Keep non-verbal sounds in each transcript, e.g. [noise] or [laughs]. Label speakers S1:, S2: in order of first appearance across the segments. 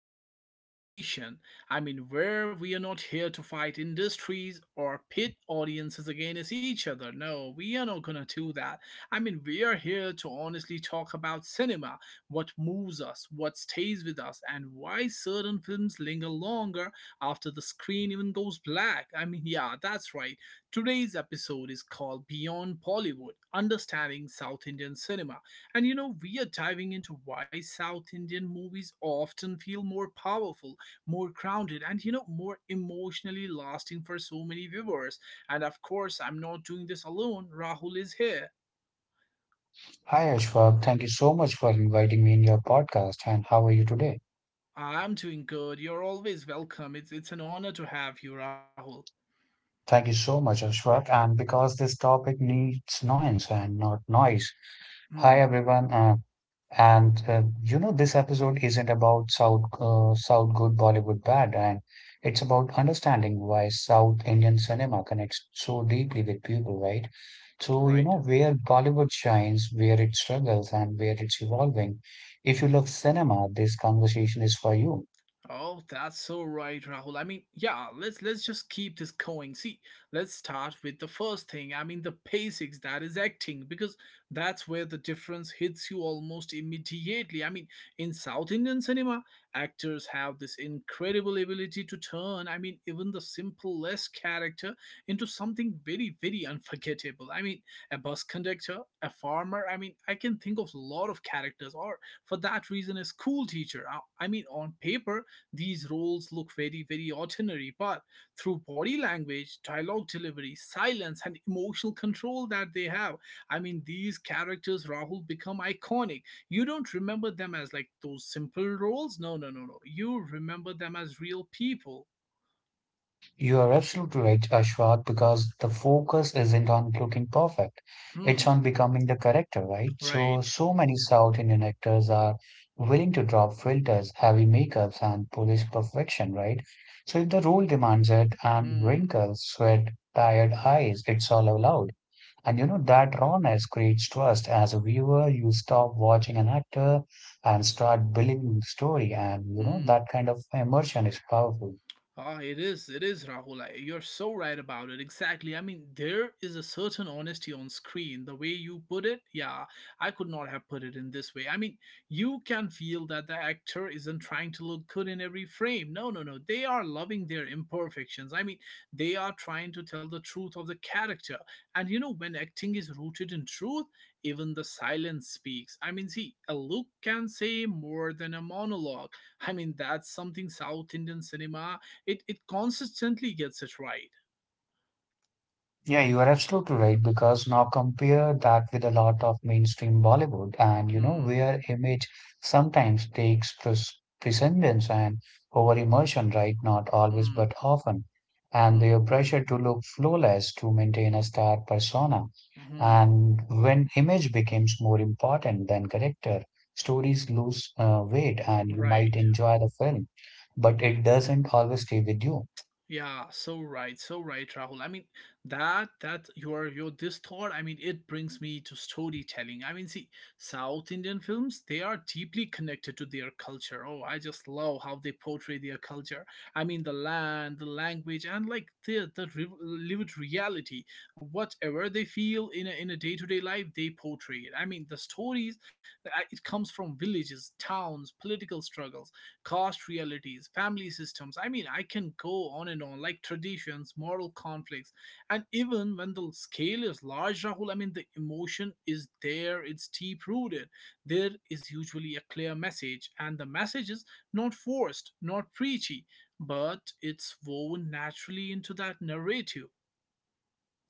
S1: today's conversation. Where we are not here to fight industries or pit audiences against each other. No, we are not gonna do that. We are here to honestly talk about cinema, what moves us, what stays with us, and why certain films linger longer after the screen even goes black. Yeah, that's right. Today's episode is called Beyond Bollywood Understanding South Indian Cinema. We are diving into why South Indian movies often feel more powerful, more grounded, and more emotionally lasting for so many viewers. And of course, I'm not doing this alone. Rahul is here.
S2: Hi, Ashfaq. Thank you so much for inviting me in your podcast. And how are you today?
S1: I'm doing good. You're always welcome. It's an honor to have you, Rahul.
S2: Thank you so much, Ashfaq. And because this topic needs noise and not noise. Hi,
S1: Hmm.
S2: everyone. And this episode isn't about South good, Bollywood bad, and it's about understanding why South Indian cinema connects so deeply with people, right? So you
S1: Right.
S2: know where Bollywood shines, where it struggles, and where it's evolving. If you love cinema, this conversation is for you.
S1: Oh, that's so right, Rahul. Yeah, let's just keep this going. See, let's start with the first thing. The basics, that is acting, because that's where the difference hits you almost immediately. I mean, in South Indian cinema, actors have this incredible ability to turn, I mean, even the simplest character into something very very unforgettable. I mean, a bus conductor, a farmer, I mean, I can think of a lot of characters or for that reason a school teacher. I mean, on paper these roles look very, very ordinary, but through body language, dialogue delivery, silence, and emotional control that they have, I mean, these characters, Rahul, become iconic. You don't remember them as like those simple roles. No, no, no, no. You remember them as real people.
S2: You are absolutely right, Ashwat, because the focus isn't on looking perfect.
S1: Hmm.
S2: It's on becoming the character, right? So,
S1: Right.
S2: so many South Indian actors are willing to drop filters, heavy makeups, and polish perfection, right? So if the role demands it, and
S1: Hmm.
S2: wrinkles, sweat, tired eyes, it's all allowed. And that rawness creates trust. As a viewer, you stop watching an actor and start believing the story, and
S1: Hmm.
S2: that kind of immersion is powerful.
S1: Ah, it is Rahul. I- You're so right about it. Exactly. I mean, there is a certain honesty on screen. The way you put it, yeah, I could not have put it in this way. I mean, you can feel that the actor isn't trying to look good in every frame. No, no, no. They are loving their imperfections. I mean, they are trying to tell the truth of the character. And you know, when acting is rooted in truth, even the silence speaks. I mean, see, a look can say more than a monologue. I mean, that's something South Indian cinema it consistently gets it right.
S2: Yeah, you are absolutely right because now compare that with a lot of mainstream Bollywood and you know
S1: Hmm.
S2: where image sometimes takes precedence and over emotion, right? Not always,
S1: Hmm.
S2: but often. And
S1: Hmm.
S2: their pressure to look flawless to maintain a star persona.
S1: Mhm.
S2: And when image becomes more important than character, stories lose weight and you might
S1: Right.
S2: enjoy the film, but it doesn't always stay with you.
S1: Yeah, so right, so right, Rahul. I mean, that that your this thought, I mean, it brings me to storytelling. I mean, see, South Indian films, they are deeply connected to their culture. Oh, I just love how they portray their culture. I mean, the land, the language, and like lived reality. Whatever they feel in a day-to-day life, they portray it. I mean, the stories, it comes from villages, towns, political struggles, caste realities, family systems. I mean, I can go on and on, like traditions, moral conflicts. And even when the scale is large, Rahul, I mean, the emotion is there, it's deep rooted. There is usually a clear message, and the message is not forced, not preachy, but it's woven naturally into that narrative.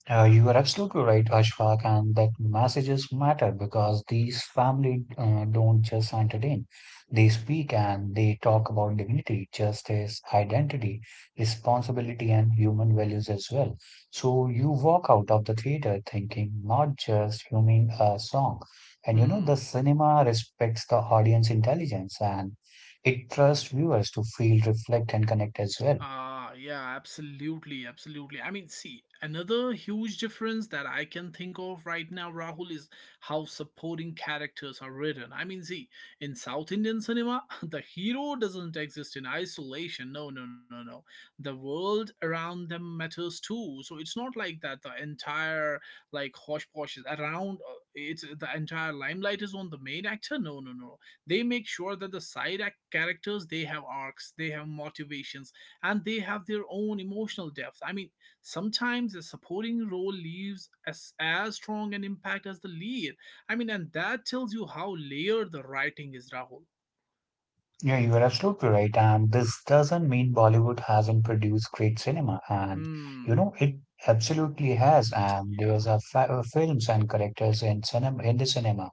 S2: You are absolutely right, Ashfaq, and that messages matter because these family don't just entertain. They speak and they talk about dignity, justice, identity, responsibility, and human values as well. So you walk out of the theater thinking, not just humming a song. And the
S1: Hmm.
S2: cinema respects the audience intelligence and it trusts viewers to feel, reflect, and connect as well.
S1: Ah, yeah, absolutely, absolutely. I mean, see, another huge difference that I can think of right now, Rahul, is how supporting characters are written. I mean, see, in South Indian cinema, [laughs] the hero doesn't exist in isolation. No, no, no, no. The world around them matters too. So it's not like that the entire, like, hosh posh is around, it's the entire limelight is on the main actor. No, no, no. They make sure that the side act characters, they have arcs, they have motivations and they have their own emotional depth. I mean, sometimes a supporting role leaves as strong an impact as the lead. I mean, and that tells you how layered the writing is, Rahul.
S2: Yeah, you are absolutely right. And this doesn't mean Bollywood hasn't produced great cinema. And, you
S1: Hmm.
S2: know, it absolutely has. And
S1: Yeah.
S2: there's films and characters in the cinema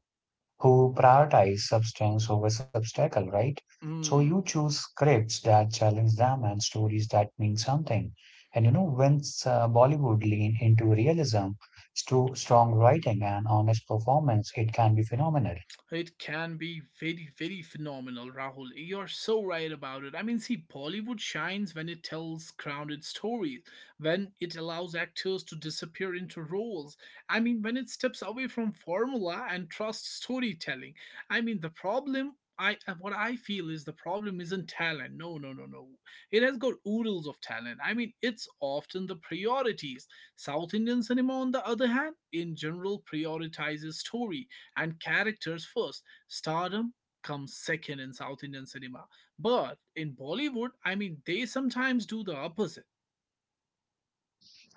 S2: who prioritize substance over substacle, right? So you
S1: Hmm.
S2: choose scripts that challenge them and stories that mean something. And when Bollywood lean into realism, strong writing and honest performance, it can be phenomenal.
S1: It can be very, very phenomenal, Rahul. You're so right about it. I mean, see, Bollywood shines when it tells grounded stories, when it allows actors to disappear into roles. I mean, when it steps away from formula and trusts storytelling. I mean, what I feel is the problem isn't talent. No, no, no, no. It has got oodles of talent. I mean, it's often the priorities. South Indian cinema, on the other hand, in general, prioritizes story and characters first. Stardom comes second in South Indian cinema. But in Bollywood, I mean, they sometimes do the opposite.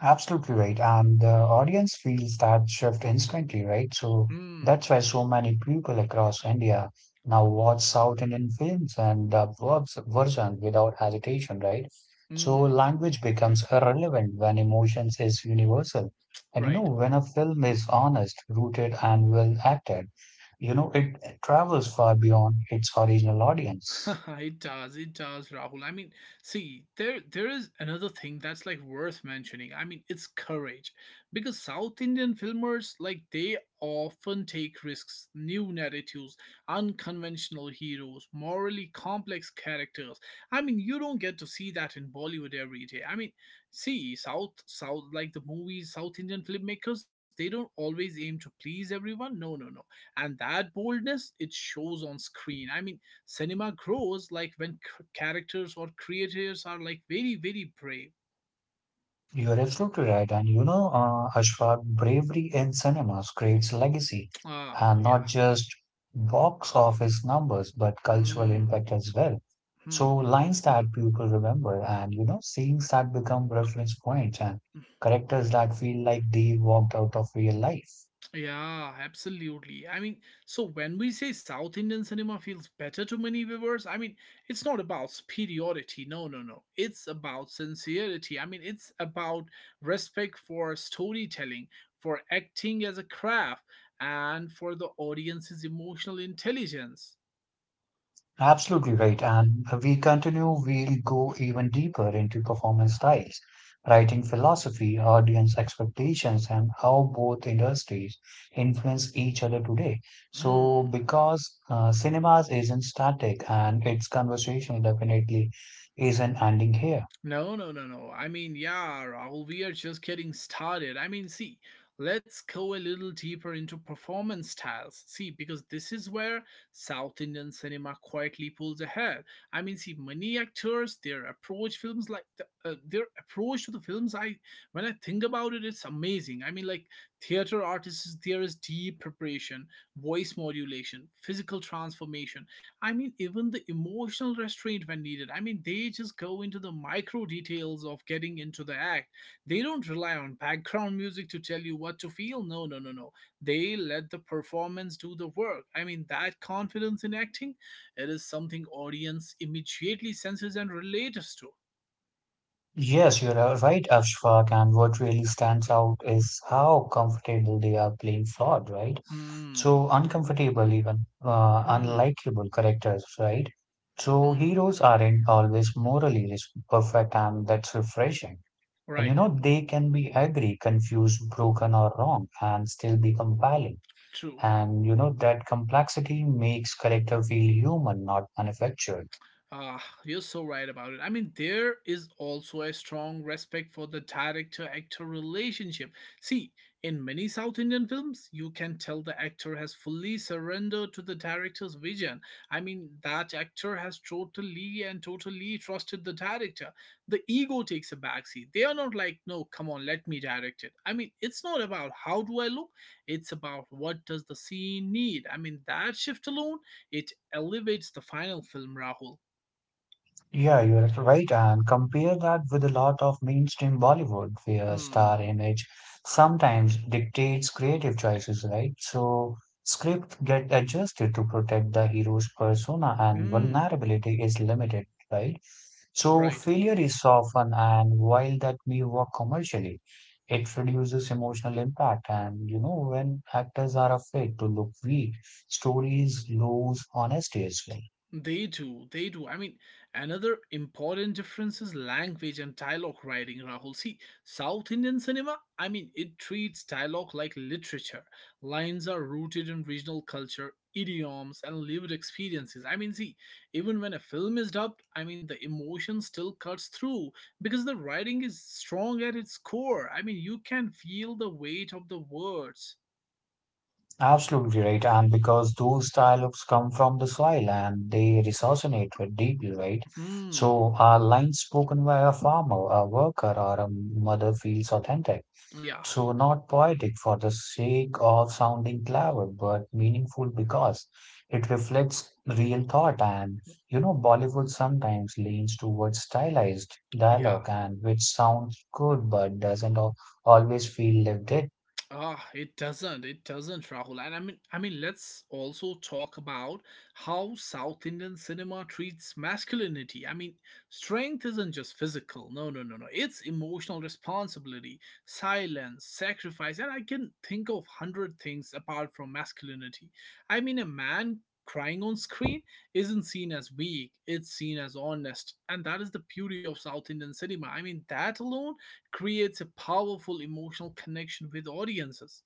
S2: Absolutely right. And the audience feels that shift instantly, right? So
S1: Mm,
S2: that's why so many people across India now watch South Indian films and the verbs version without hesitation, right? So
S1: mm,
S2: language becomes irrelevant when emotions is universal. And
S1: right.
S2: when a film is honest, rooted, and well acted, it travels far beyond its original
S1: [laughs]
S2: audience.
S1: It does, it does, Rahul. I mean, see, there is another thing that's like worth mentioning. I mean, it's courage. Because South Indian filmers, like they often take risks, new narratives, unconventional heroes, morally complex characters. I mean, you don't get to see that in Bollywood every day. I mean, see, South South like the movies, South Indian filmmakers, they don't always aim to please everyone. No, no, no. And that boldness, it shows on screen. I mean, cinema grows like when characters or creators are like very very brave.
S2: You're absolutely right. And Ashfaq, bravery in cinemas creates legacy
S1: Ah,
S2: and not
S1: yeah.
S2: just box office numbers, but cultural
S1: Hmm.
S2: impact as well.
S1: Hmm.
S2: So lines that people remember and scenes that become reference points and characters that feel like they walked out of real life.
S1: Yeah, absolutely. I mean, so when we say South Indian cinema feels better to many viewers, I mean, it's not about superiority. No, no, no. It's about sincerity. I mean, it's about respect for storytelling, for acting as a craft, and for the audience's emotional intelligence.
S2: Absolutely right. And we continue, we'll go even deeper into performance styles, writing philosophy, audience expectations, and how both industries influence each other today. So,
S1: Hmm.
S2: because cinemas isn't static and its conversation definitely isn't ending here.
S1: No, no, no, no. I mean, yeah, Rahul, we are just getting started. I mean, see, let's go a little deeper into performance styles. See, because this is where South Indian cinema quietly pulls ahead. I mean, see, many actors, their approach to the films. I When I think about it, it's amazing. I mean, like theater artists, there is deep preparation, voice modulation, physical transformation. I mean, even the emotional restraint when needed. I mean, they just go into the micro details of getting into the act. They don't rely on background music to tell you what to feel. No, no, no, no. They let the performance do the work. I mean, that confidence in acting, it is something audience immediately senses and relates to.
S2: Yes, you're right, Ashfaq. And what really stands out is how comfortable they are playing flawed, right? So
S1: Hmm.
S2: uncomfortable, even
S1: Hmm.
S2: unlikable characters, right? So
S1: Hmm.
S2: heroes aren't always morally perfect, and that's refreshing. And you
S1: Right.
S2: know, they can be angry, confused, broken, or wrong, and still be compelling.
S1: True.
S2: And that complexity makes character feel human, not manufactured.
S1: Ah, you're so right about it. I mean, there is also a strong respect for the director actor relationship. See, in many South Indian films, you can tell the actor has fully surrendered to the director's vision. I mean, that actor has totally and totally trusted the director. The ego takes a backseat. They are not like, no, come on, let me direct it. I mean, it's not about how do I look, it's about what does the scene need. I mean, that shift alone, it elevates the final film, Rahul.
S2: Yeah, you're right. And compare that with a lot of mainstream Bollywood, where star
S1: Hmm.
S2: image sometimes dictates creative choices, right? So script get adjusted to protect the hero's persona and
S1: Mm.
S2: vulnerability is limited, right?
S1: Right.
S2: So failure is softened, and while that may work commercially, it reduces emotional impact. And when actors are afraid to look weak, stories lose honesty as well.
S1: They do. They do. I mean, another important difference is language and dialogue writing, Rahul. See, South Indian cinema, I mean, it treats dialogue like literature. Lines are rooted in regional culture, idioms, and lived experiences. I mean, see, even when a film is dubbed, I mean, the emotion still cuts through because the writing is strong at its core. I mean, you can feel the weight of the words.
S2: Absolutely right. And because those dialogues come from the soil and they resonate with deeply, right?
S1: Hmm.
S2: So a line spoken by a farmer, a worker, or a mother feels authentic.
S1: Yeah.
S2: So not poetic for the sake of sounding clever, but meaningful because it reflects real thought. And Bollywood sometimes leans towards stylized
S1: Yeah.
S2: dialogue and which sounds good but doesn't always feel lived in.
S1: Ah, it doesn't. It doesn't, Rahul. And I mean, let's also talk about how South Indian cinema treats masculinity. I mean, strength isn't just physical. No, no, no, no. It's emotional responsibility, silence, sacrifice, and I can think of hundred things apart from masculinity. I mean, a man crying on screen isn't seen as weak. It's seen as honest, and that is the beauty of South Indian cinema. I mean, that alone creates a powerful emotional connection with audiences.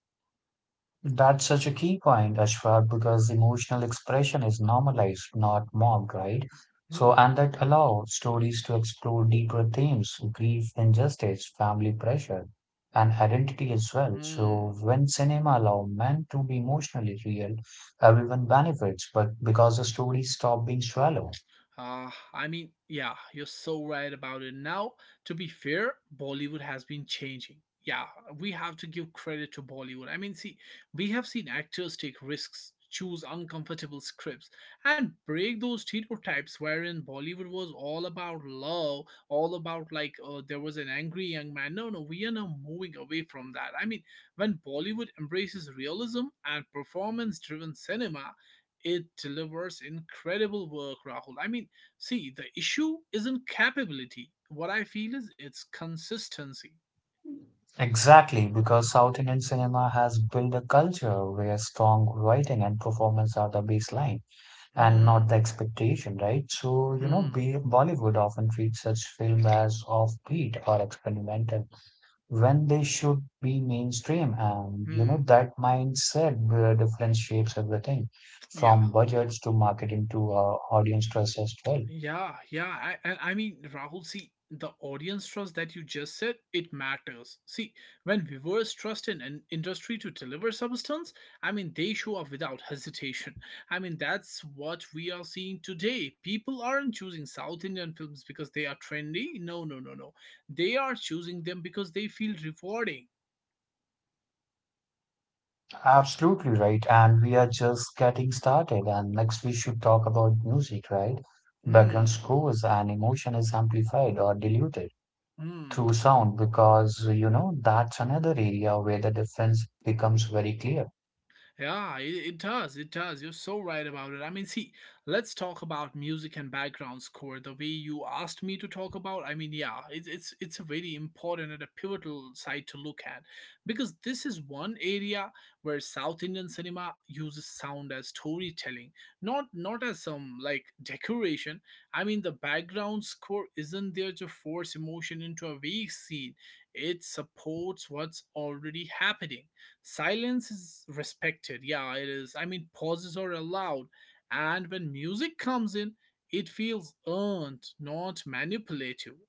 S2: That's such a key point, Ashfaq, because emotional expression is normalized, not mocked, right? So,
S1: Hmm.
S2: and that allows stories to explore deeper themes, grief, injustice, family pressure, and identity as well. So,
S1: Hmm.
S2: when cinema allow men to be emotionally real, everyone benefits, but because the stories stop being shallow.
S1: I mean, yeah, you're so right about it. Now, to be fair, Bollywood has been changing. Yeah, we have to give credit to Bollywood. I mean, see, we have seen actors take risks, choose uncomfortable scripts, and break those stereotypes wherein Bollywood was all about love, all about there was an angry young man. No, no, we are now moving away from that. I mean, when Bollywood embraces realism and performance driven cinema, it delivers incredible work, Rahul. I mean, see, the issue isn't capability. What I feel is it's consistency.
S2: Exactly, because South Indian cinema has built a culture where strong writing and performance are the baseline and not
S1: Hmm,
S2: the expectation, right? So,
S1: hmm,
S2: Bollywood often treats such films as offbeat or experimental when they should be mainstream. And
S1: hmm.
S2: that mindset difference shapes everything
S1: Yeah,
S2: from budgets to marketing to audience trust as well.
S1: yeah, yeah. And I mean, Rahul, see, the audience trust that you just said, it matters. See, when viewers trust in an industry to deliver substance, I mean, they show up without [laughs] hesitation. I mean, that's what we are seeing today. People aren't choosing South Indian films because they are trendy. No, no, no, no. They are choosing them because they feel rewarding.
S2: Absolutely right. And we are just getting started. And next, we should talk about music, right? Background
S1: Hmm,
S2: scores and emotion is amplified or diluted
S1: Mm.
S2: through sound because that's another area where the difference becomes very clear.
S1: Yeah, it does. It does. You're so right about it. I mean, see, let's talk about music and background score. The way you asked me to talk about, I mean, yeah, it's a very important and a pivotal side to look at because this is one area where South Indian cinema uses sound as storytelling, not as some like decoration. I mean, the background score isn't there to force emotion into a vague scene. It supports what's already happening. Silence is respected. Yeah, it is. I mean, pauses are allowed. And when music comes in, it feels earned, not manipulative.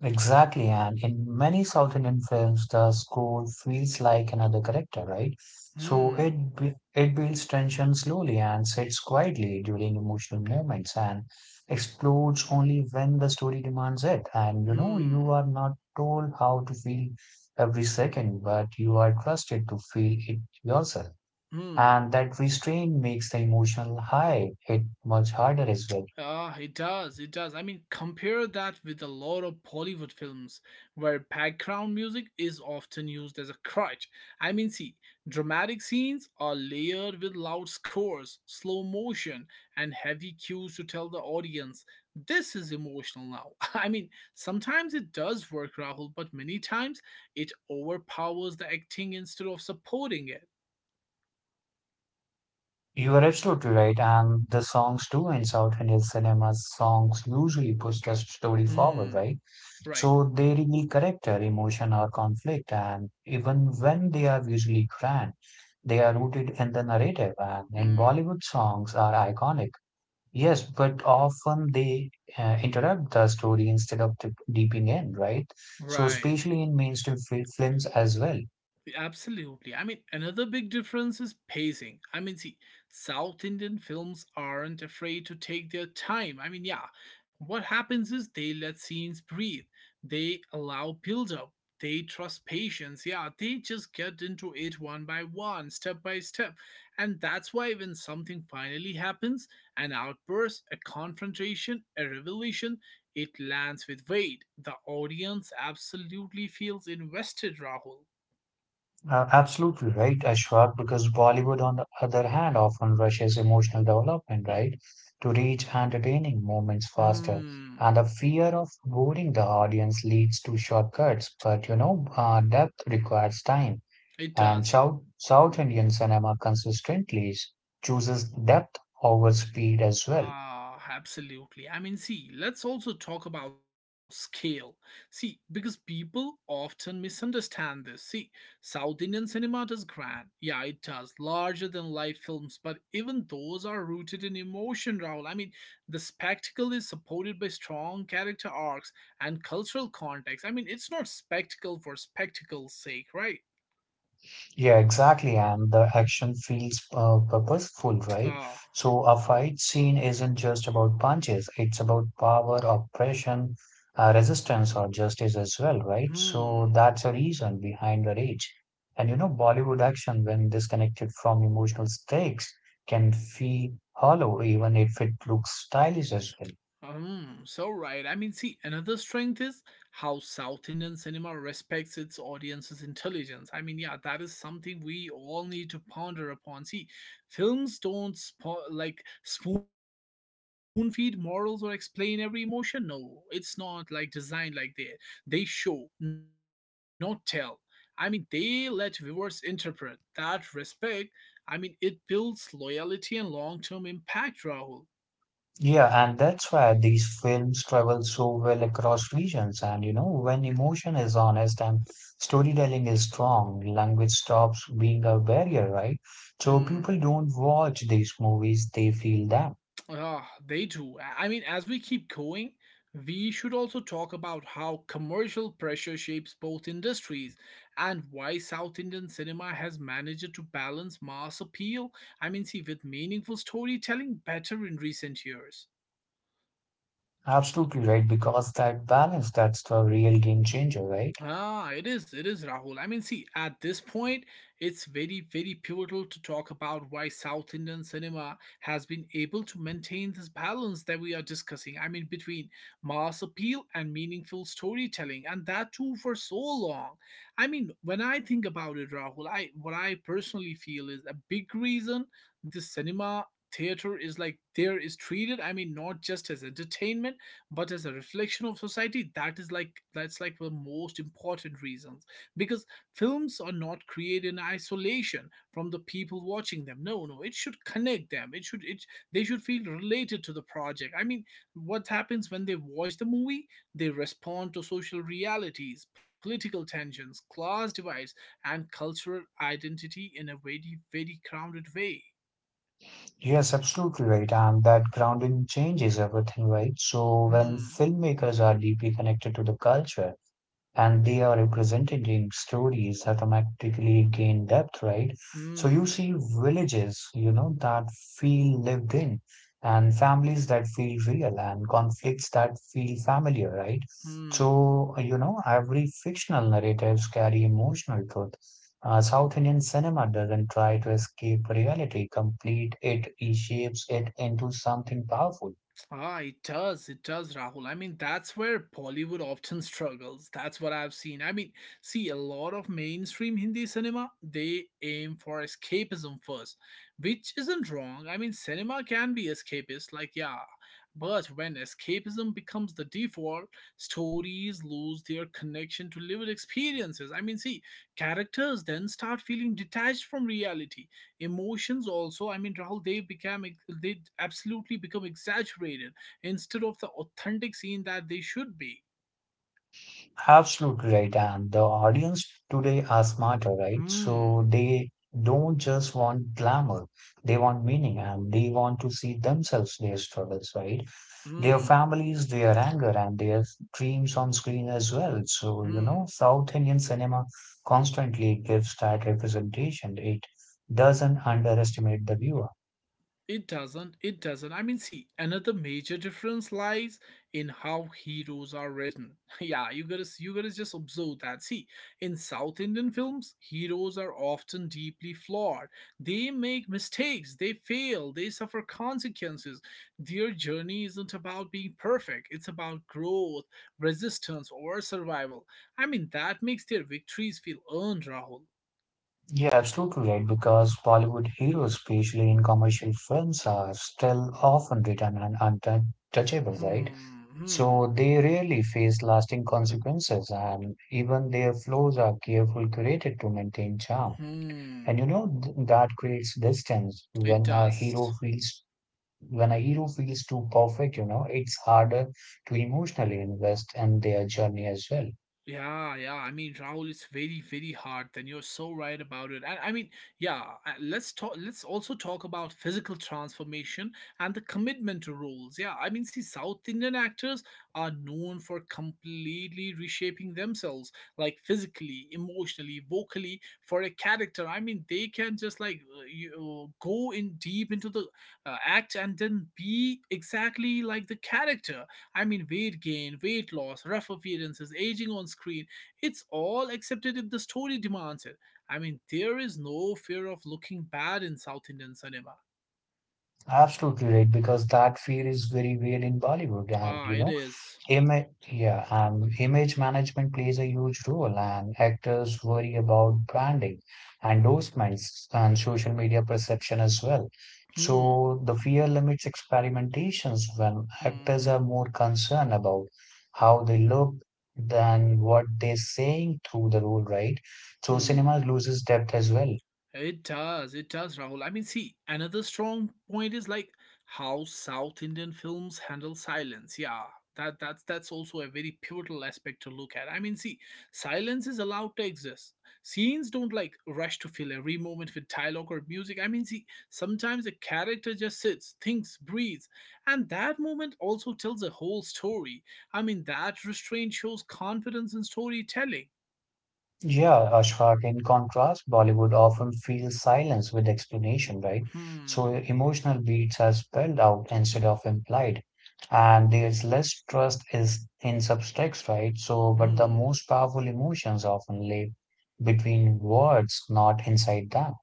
S2: Exactly, and in many South Indian films, the score feels like another character, right? So
S1: Hmm,
S2: it builds tension slowly and sits quietly during emotional moments and explodes only when the story demands it. And you
S1: hmm,
S2: are not told how to feel every second, but you are trusted to feel it yourself.
S1: hmm.
S2: And that restraint makes the emotional high hit much harder as well.
S1: Ah, it does. It does. I mean, compare that with a lot of Bollywood films where background music is often used as a crutch. I mean, see, dramatic scenes are layered with loud scores, slow motion, and heavy cues to tell the audience this is emotional now. [laughs] I mean, sometimes it does work, Rahul, but many times it overpowers the acting instead of supporting it.
S2: You are absolutely right, and the songs too in South Indian cinema songs usually push the story forward,
S1: Hmm,
S2: right?
S1: right.
S2: So they reveal character, emotion, or conflict, and even when they are visually grand, they are rooted in the narrative. And in
S1: Hmm,
S2: Bollywood, songs are iconic. Yes, but often they interrupt the story instead of dipping in, right? So,
S1: right.
S2: especially in mainstream films as well.
S1: Absolutely. I mean, another big difference is pacing. I mean, see, South Indian films aren't afraid to take their time. I mean, yeah, what happens is they let scenes breathe, they allow build up, they trust patience. Yeah, they just get into it one by one, step by step. And that's why when something finally happens, an outburst, a confrontation, a revelation, it lands with weight. The audience absolutely feels invested, Rahul.
S2: Absolutely right, Ashfaq, because Bollywood, on the other hand, often rushes emotional development, right, to reach entertaining moments faster.
S1: Hmm,
S2: And the fear of boring the audience leads to shortcuts, but depth requires time.
S1: it
S2: And
S1: does.
S2: South Indian cinema consistently chooses depth over speed as well.
S1: Ah, absolutely. I mean, see, let's also talk about scale. See, because people often misunderstand this. See, South Indian cinema does grand. Yeah, it does. Larger than life films, but even those are rooted in emotion, Rahul. I mean, the spectacle is supported by strong character arcs and cultural context. I mean, it's not spectacle for spectacle's sake, right?
S2: Yeah, exactly. And the action feels purposeful, right?
S1: Ah,
S2: So a fight scene isn't just about punches, it's about power, oppression, resistance, or justice as well, right? So
S1: hmm.
S2: that's a reason behind the rage. And Bollywood action, when disconnected from emotional stakes, can feel hollow, even if it looks stylish as well.
S1: So right. I mean, see, another strength is how South Indian cinema respects its audience's intelligence. I mean, yeah, that is something we all need to ponder upon. See, films don't spo- like spoon feed morals or explain every emotion. No, it's not like designed like that. They show, not tell. I mean, they let viewers interpret. That respect, I mean, it builds loyalty and long-term impact, Rahul.
S2: Yeah, and that's why these films travel so well across regions. And when emotion is honest and storytelling is strong, language stops being a barrier, right? So
S1: Hmm.
S2: people don't watch these movies, they feel them.
S1: Ah, they do. I mean, as we keep going, we should also talk about how commercial pressure shapes both industries and why South Indian cinema has managed to balance mass appeal, I mean, see, with meaningful storytelling better in recent years.
S2: Absolutely right, because that balance, that's the real game changer, right?
S1: Ah, it is. It is, Rahul. I mean, see, at this point, it's very, very pivotal to talk about why South Indian cinema has been able to maintain this balance that we are discussing. I mean, between mass appeal and meaningful storytelling, and that too for so long. I mean, when I think about it, Rahul, I what I personally feel is a big reason the cinema theater is like there is treated, I mean, not just as entertainment but as a reflection of society. That is like that's like the most important reasons, because films are not created in isolation from the people watching them. No, no, it should connect them. It should it they should feel related to the project. I mean, what happens when they watch the movie, they respond to social realities, political tensions, class divides, and cultural identity in a very, very grounded way.
S2: Yes, absolutely right. And that grounding changes everything, right? So when
S1: Hmm,
S2: filmmakers are deeply connected to the culture, and they are representing stories that automatically gain depth, right? So
S1: hmm,
S2: you see villages, that feel lived in, and families that feel real, and conflicts that feel familiar, right?
S1: hmm.
S2: So, every fictional narratives carry emotional truth. South Indian cinema doesn't try to escape reality, complete it, reshapes it into something powerful.
S1: Ah, it does. It does, Rahul. I mean, that's where Bollywood often struggles. That's what I've seen. I mean, see, a lot of mainstream Hindi cinema, they aim for escapism first, which isn't wrong. I mean, cinema can be escapist, like, yeah. But when escapism becomes the default, stories lose their connection to lived experiences. I mean, see, characters then start feeling detached from reality, emotions also, I mean, Rahul, they they absolutely become exaggerated instead of the authentic scene that they should be.
S2: Absolutely right. And the audience today are smarter, right?
S1: Hmm,
S2: So they don't just want glamour, they want meaning and they want to see themselves, their struggles, right? Their
S1: hmm,
S2: families, their anger, and their dreams on screen as well. So,
S1: hmm.
S2: South Indian cinema constantly gives that representation. It doesn't underestimate the viewer.
S1: It doesn't. It doesn't. I mean, see, another major difference lies in how heroes are written. [laughs] Yeah, you gotta just observe that. See, in South Indian films, heroes are often deeply flawed. They make mistakes. They fail. They suffer consequences. Their journey isn't about being perfect. It's about growth, resistance, or survival. I mean, that makes their victories feel earned, Rahul.
S2: Yeah, absolutely right. Because Bollywood heroes, especially in commercial films, are still often written and untouchable, right?
S1: Hmm. Hmm.
S2: So they rarely face lasting consequences, and even their flaws are carefully curated to maintain charm.
S1: Hmm.
S2: And that creates distance
S1: It
S2: when a hero
S1: does.
S2: feels when a hero feels too perfect. It's harder to emotionally invest in their journey as well.
S1: Yeah, yeah. I mean, Rahul, it's very, very hard. Then you're so right about it. And I mean, yeah. Let's talk. Let's also talk about physical transformation and the commitment to roles. Yeah, I mean, see, South Indian actors are known for completely reshaping themselves, like physically, emotionally, vocally, for a character. I mean, they can just like you know, go in deep into the act and then be exactly like the character. I mean, weight gain, weight loss, rough appearances, aging on screen, it's all accepted if the story demands it. I mean, there is no fear of looking bad in South Indian cinema.
S2: Absolutely right, because that fear is very real in Bollywood, and
S1: Ah,
S2: you
S1: it
S2: know.
S1: is.
S2: Ima yeah, and image management plays a huge role, and actors worry about branding, endorsements, and social media perception as well.
S1: Hmm.
S2: So the fear limits experimentations when actors
S1: Hmm.
S2: are more concerned about how they look than what they're saying through the role, right? So
S1: Hmm.
S2: cinema loses depth as well.
S1: It does, Rahul. I mean, see, another strong point is like how South Indian films handle silence. Yeah, that's also a very pivotal aspect to look at. I mean, see, silence is allowed to exist. Scenes don't like rush to fill every moment with dialogue or music. I mean, see, sometimes a character just sits, thinks, breathes, and that moment also tells a whole story. I mean, that restraint shows confidence in storytelling.
S2: Yeah, Ashfaq, in contrast, Bollywood often fills silence with explanation, right?
S1: Hmm.
S2: So emotional beats are spelled out instead of implied. And there's less trust is in subtext, right? So, but the
S1: Hmm.
S2: most powerful emotions often live between words, not inside them.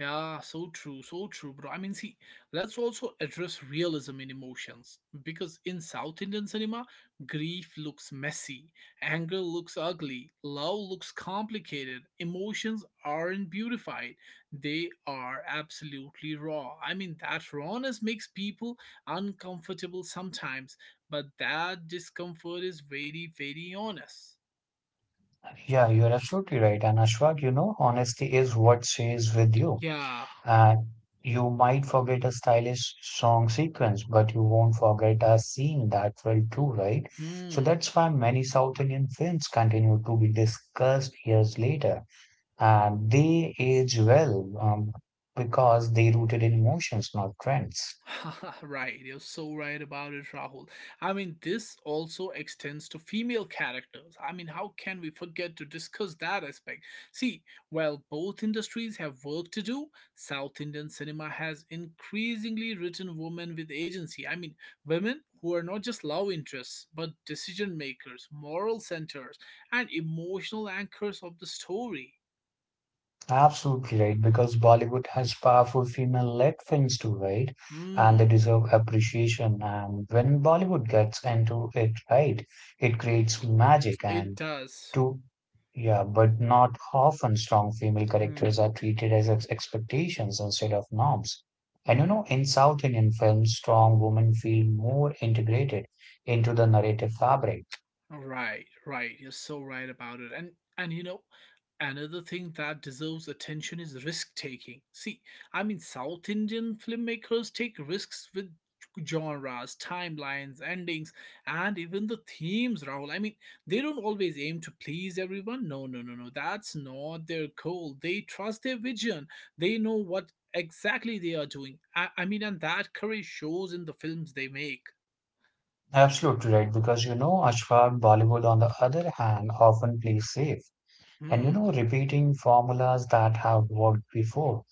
S1: Yeah, so true, bro. I mean, see, let's also address realism in emotions because in South Indian cinema, grief looks messy, anger looks ugly, love looks complicated, emotions aren't beautified, they are absolutely raw. I mean, that rawness makes people uncomfortable sometimes, but that discomfort is very, very honest.
S2: Yeah, you're absolutely right. And Ashfaq, honesty is what stays with you.
S1: Yeah.
S2: And you might forget a stylish song sequence, but you won't forget a scene that felt true, right? So
S1: Hmm.
S2: that's why many South Indian films continue to be discussed years later. And they age well because they rooted in emotions, not trends.
S1: [laughs] Right, you're so right about it, Rahul. I mean, this also extends to female characters. I mean, how can we forget to discuss that aspect? See, while both industries have work to do, South Indian cinema has increasingly written women with agency. I mean, women who are not just love interests, but decision makers, moral centers, and emotional anchors of the story.
S2: Absolutely right, because Bollywood has powerful female-led films too, right? And they
S1: Hmm,
S2: deserve appreciation. And when Bollywood gets into it right, it creates magic
S1: it
S2: and
S1: does.
S2: to yeah, but not often strong female characters are
S1: Hmm.
S2: treated as expectations instead of norms. And you
S1: Hmm.
S2: know, in South Indian films, strong women feel more integrated into the narrative fabric.
S1: Right, right. You're so right about it. And you know, another thing that deserves attention is risk taking. See, I mean, South Indian filmmakers take risks with genres, timelines, endings, and even the themes, Rahul. I mean, they don't always aim to please everyone. No, no, no, no. That's not their goal. They trust their vision. They know what exactly they are doing. I mean, and that courage shows in the films they make.
S2: Absolutely right, because Ashfaq Bollywood, on the other hand, often plays safe. And you
S1: Hmm.
S2: know, repeating formulas that have worked before.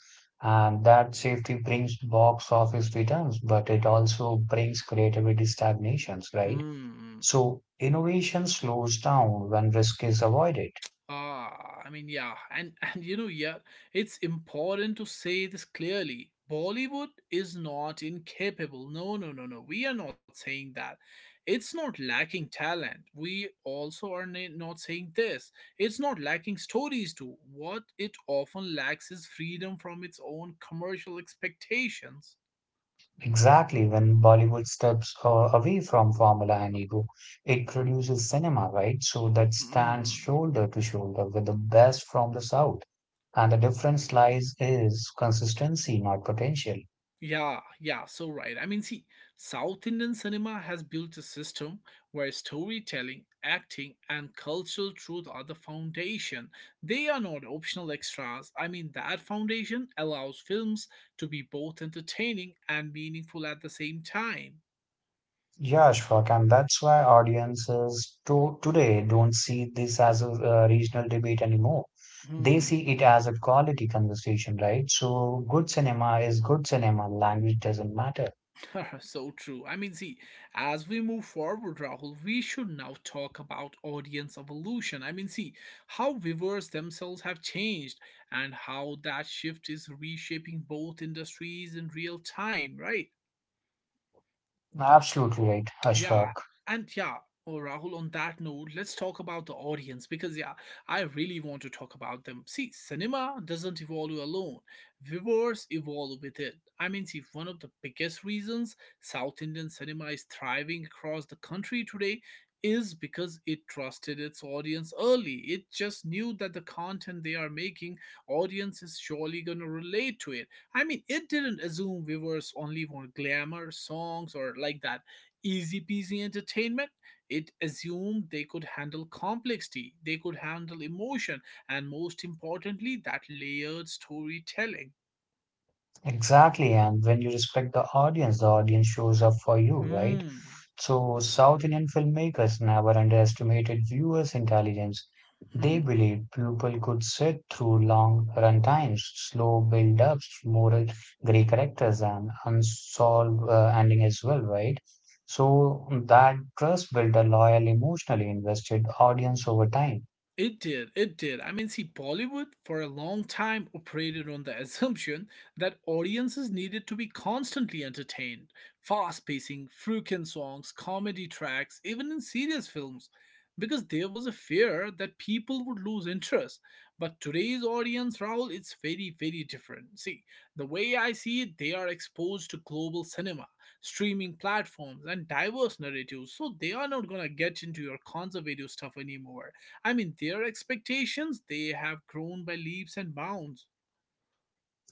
S2: And that safety brings box office returns, but it also brings creativity stagnations, right?
S1: Hmm.
S2: So innovation slows down when risk is avoided.
S1: Ah, I mean, yeah, and [laughs] and you know, yeah, it's important to say this clearly. Bollywood is not incapable. No, no, no, no. We are not saying that. It's not lacking talent. We also not saying this. It's not lacking stories too. What it often lacks is freedom from its own commercial expectations.
S2: Exactly when Bollywood steps away from formula and ego, it produces cinema, right? So that stands
S1: Mm.
S2: shoulder to shoulder with the best from the South. And the difference lies is consistency, not potential.
S1: Yeah, yeah, so right. I mean, see, South Indian cinema has built a system where storytelling, acting, and cultural truth are the foundation. They are not optional extras. I mean, that foundation allows films to be both entertaining and meaningful at the same time.
S2: Yeah, Ashfaq, and that's why audiences to today don't see this as a regional debate anymore. They
S1: Hmm.
S2: see it as a quality conversation, right? So good cinema is good cinema. Language doesn't matter.
S1: [laughs] So true. I mean, see, as we move forward, Rahul, we should now talk about audience evolution. I mean, see, how viewers themselves have changed and how that shift is reshaping both industries in real time, right?
S2: Absolutely right,
S1: Yeah,
S2: Ashfaq.
S1: and yeah, oh, Rahul, on that note, let's talk about the audience because, yeah, I really want to talk about them. See, cinema doesn't evolve alone, viewers evolve with it. I mean, see, one of the biggest reasons South Indian cinema is thriving across the country today is because it trusted its audience early. It just knew that the content they are making, audience is surely going to relate to it. I mean, it didn't assume viewers only want glamour songs or like that easy peasy entertainment, it assumed they could handle complexity, they could handle emotion, and most importantly, that layered storytelling.
S2: Exactly. And when you respect the audience shows up for you, right?
S1: Hmm.
S2: So, South Indian filmmakers never underestimated viewers' intelligence. They
S1: Hmm.
S2: believed people could sit through long runtimes, slow build ups, moral gray characters, and unsolved ending as well, right? So, that trust built a loyal, emotionally invested audience over time.
S1: It did, it did. I mean, see, Bollywood for a long time operated on the [laughs] assumption that audiences needed to be constantly entertained. Fast pacing, freaking songs, comedy tracks, even in serious films, because there was a fear that people would lose interest. But today's audience, Raul, it's very, very different. See, the way I see it, they are exposed to global cinema, streaming platforms, and diverse narratives, so they are not gonna get into your conservative stuff anymore. I mean, their expectations, they have grown by leaps and bounds.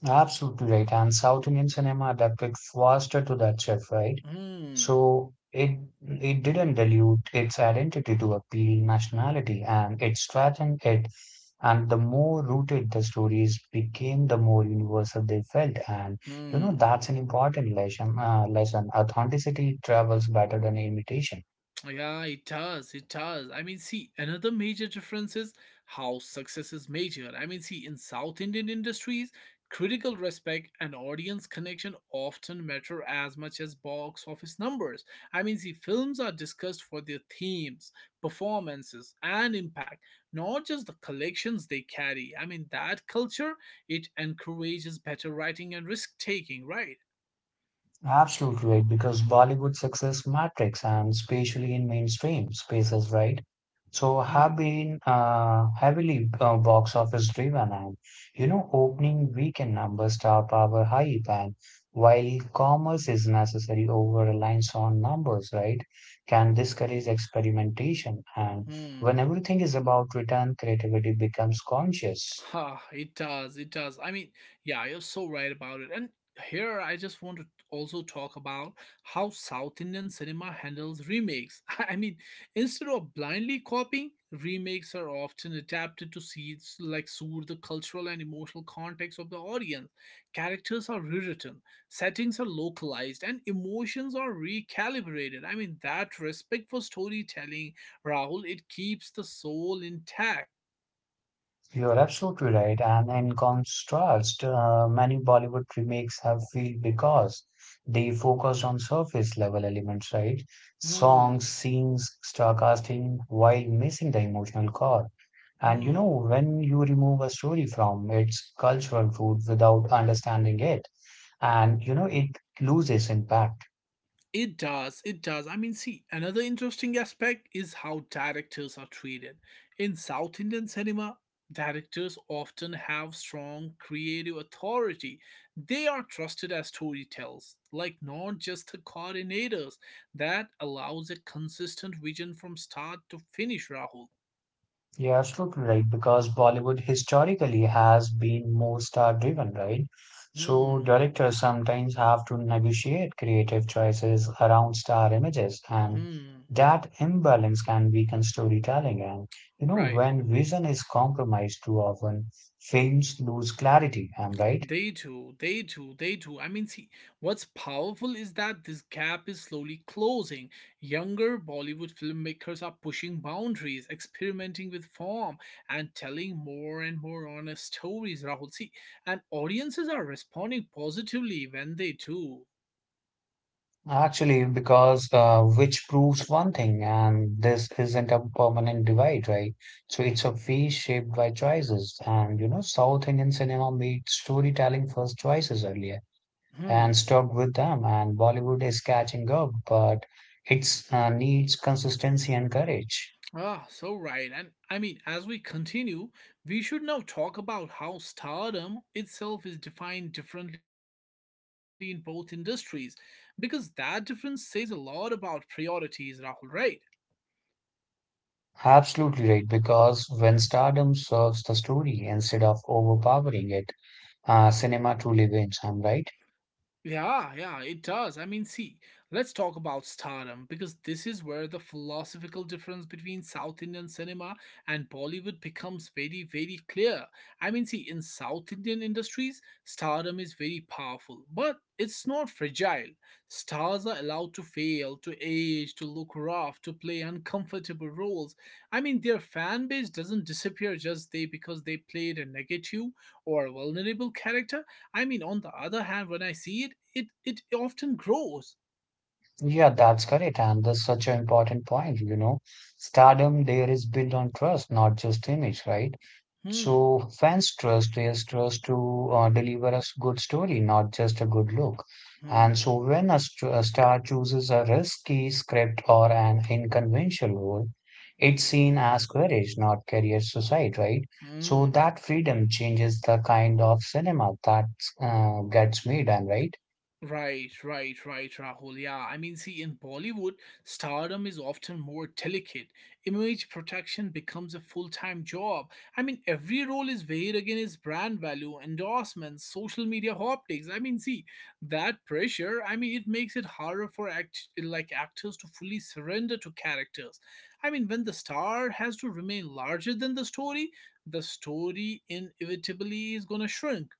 S2: Absolutely right. And South Indian cinema adapted faster to that shift, right?
S1: Hmm,
S2: So it didn't dilute its identity to appeal nationality, and it strengthened it. And the more rooted the stories became, the more universal they felt. And you know
S1: hmm.
S2: that's an important lesson. Lesson: authenticity travels better than imitation.
S1: Yeah, it does. It does. I mean, see, another major difference is how success is measured. I mean, see, in South Indian industries, critical respect and audience connection often matter as much as box office numbers. I mean, see, films are discussed for their themes, performances, and impact, not just the collections they carry. I mean, that culture, it encourages better writing and risk taking, right?
S2: Absolutely right, because Bollywood success matrix and especially in mainstream spaces, right? So have
S1: Hmm.
S2: been heavily box office driven and opening weekend numbers top our hype and while commerce is necessary over reliance on numbers, right? Can discourage experimentation and when
S1: Hmm.
S2: everything is about return, creativity becomes conscious.
S1: Ha, it does. It does. I mean, yeah, you're so right about it. And here I just want to also talk about how South Indian cinema handles remakes. [laughs] Instead of blindly copying, remakes are often adapted to see like suit the cultural and emotional context of the audience. Characters are rewritten, settings are localized, and emotions are recalibrated. That respect for storytelling, Rahul, it keeps the soul intact.
S2: You're absolutely right. And in contrast, many Bollywood remakes have failed because they focused on surface level elements, right? Songs,
S1: Hmm.
S2: scenes, star casting, while missing the emotional core. And you
S1: Hmm.
S2: know, when you remove a story from its cultural root without understanding it, it loses impact.
S1: It does, it does. Another interesting aspect is how directors are treated. In South Indian cinema, directors often have strong creative authority. They are trusted as storytellers, like not just the coordinators. That allows a consistent vision from start to finish, Rahul.
S2: You're absolutely right, because Bollywood historically has been more star driven, right? So
S1: Hmm,
S2: directors sometimes have to negotiate creative choices around star images, and
S1: hmm,
S2: that imbalance can weaken storytelling. And you know,
S1: right.
S2: when vision is compromised too often, films lose clarity, am I right?
S1: They do, they do, they do. What's powerful is that this gap is slowly closing. Younger Bollywood filmmakers are pushing boundaries, experimenting with form, and telling more and more honest stories, Rahul. See, and audiences are responding positively when they do.
S2: Actually, because which proves one thing, and this isn't a permanent divide, right? So it's a phase shaped by choices. South Indian cinema made storytelling first choices earlier
S1: Hmm.
S2: and stuck with them, and Bollywood is catching up, but it's needs consistency and courage.
S1: Ah, so right. And as we continue, we should now talk about how stardom itself is defined differently in both industries, because that difference says a lot about priorities, Rahul, right?
S2: Absolutely right, because when stardom serves the story instead of overpowering it, cinema truly wins. I'm right.
S1: Yeah, yeah, it does. Let's talk about stardom because this is where the philosophical difference between South Indian cinema and Bollywood becomes very, very clear. In South Indian industries, stardom is very powerful, but it's not fragile. Stars are allowed to fail, to age, to look rough, to play uncomfortable roles. Their fan base doesn't disappear just they because they played a negative or vulnerable character. On the other hand, when I see it, it often grows.
S2: Yeah, that's correct. And that's such an important point, you know. Stardom there is built on trust, not just image, right?
S1: Hmm,
S2: So fans trust is trust to deliver us good story, not just a good look.
S1: hmm,
S2: And so when a star chooses a risky script or an unconventional role, it's seen as courage, not career suicide, right? So
S1: hmm.
S2: that freedom changes the kind of cinema that gets made, and right?
S1: Right, right, right, Rahul. Yeah, in Bollywood, stardom is often more delicate. Image protection becomes a full time job. Every role is weighed against brand value, endorsements, social media optics. That pressure, it makes it harder for actors to fully surrender to characters. When the star has to remain larger than the story inevitably is gonna shrink.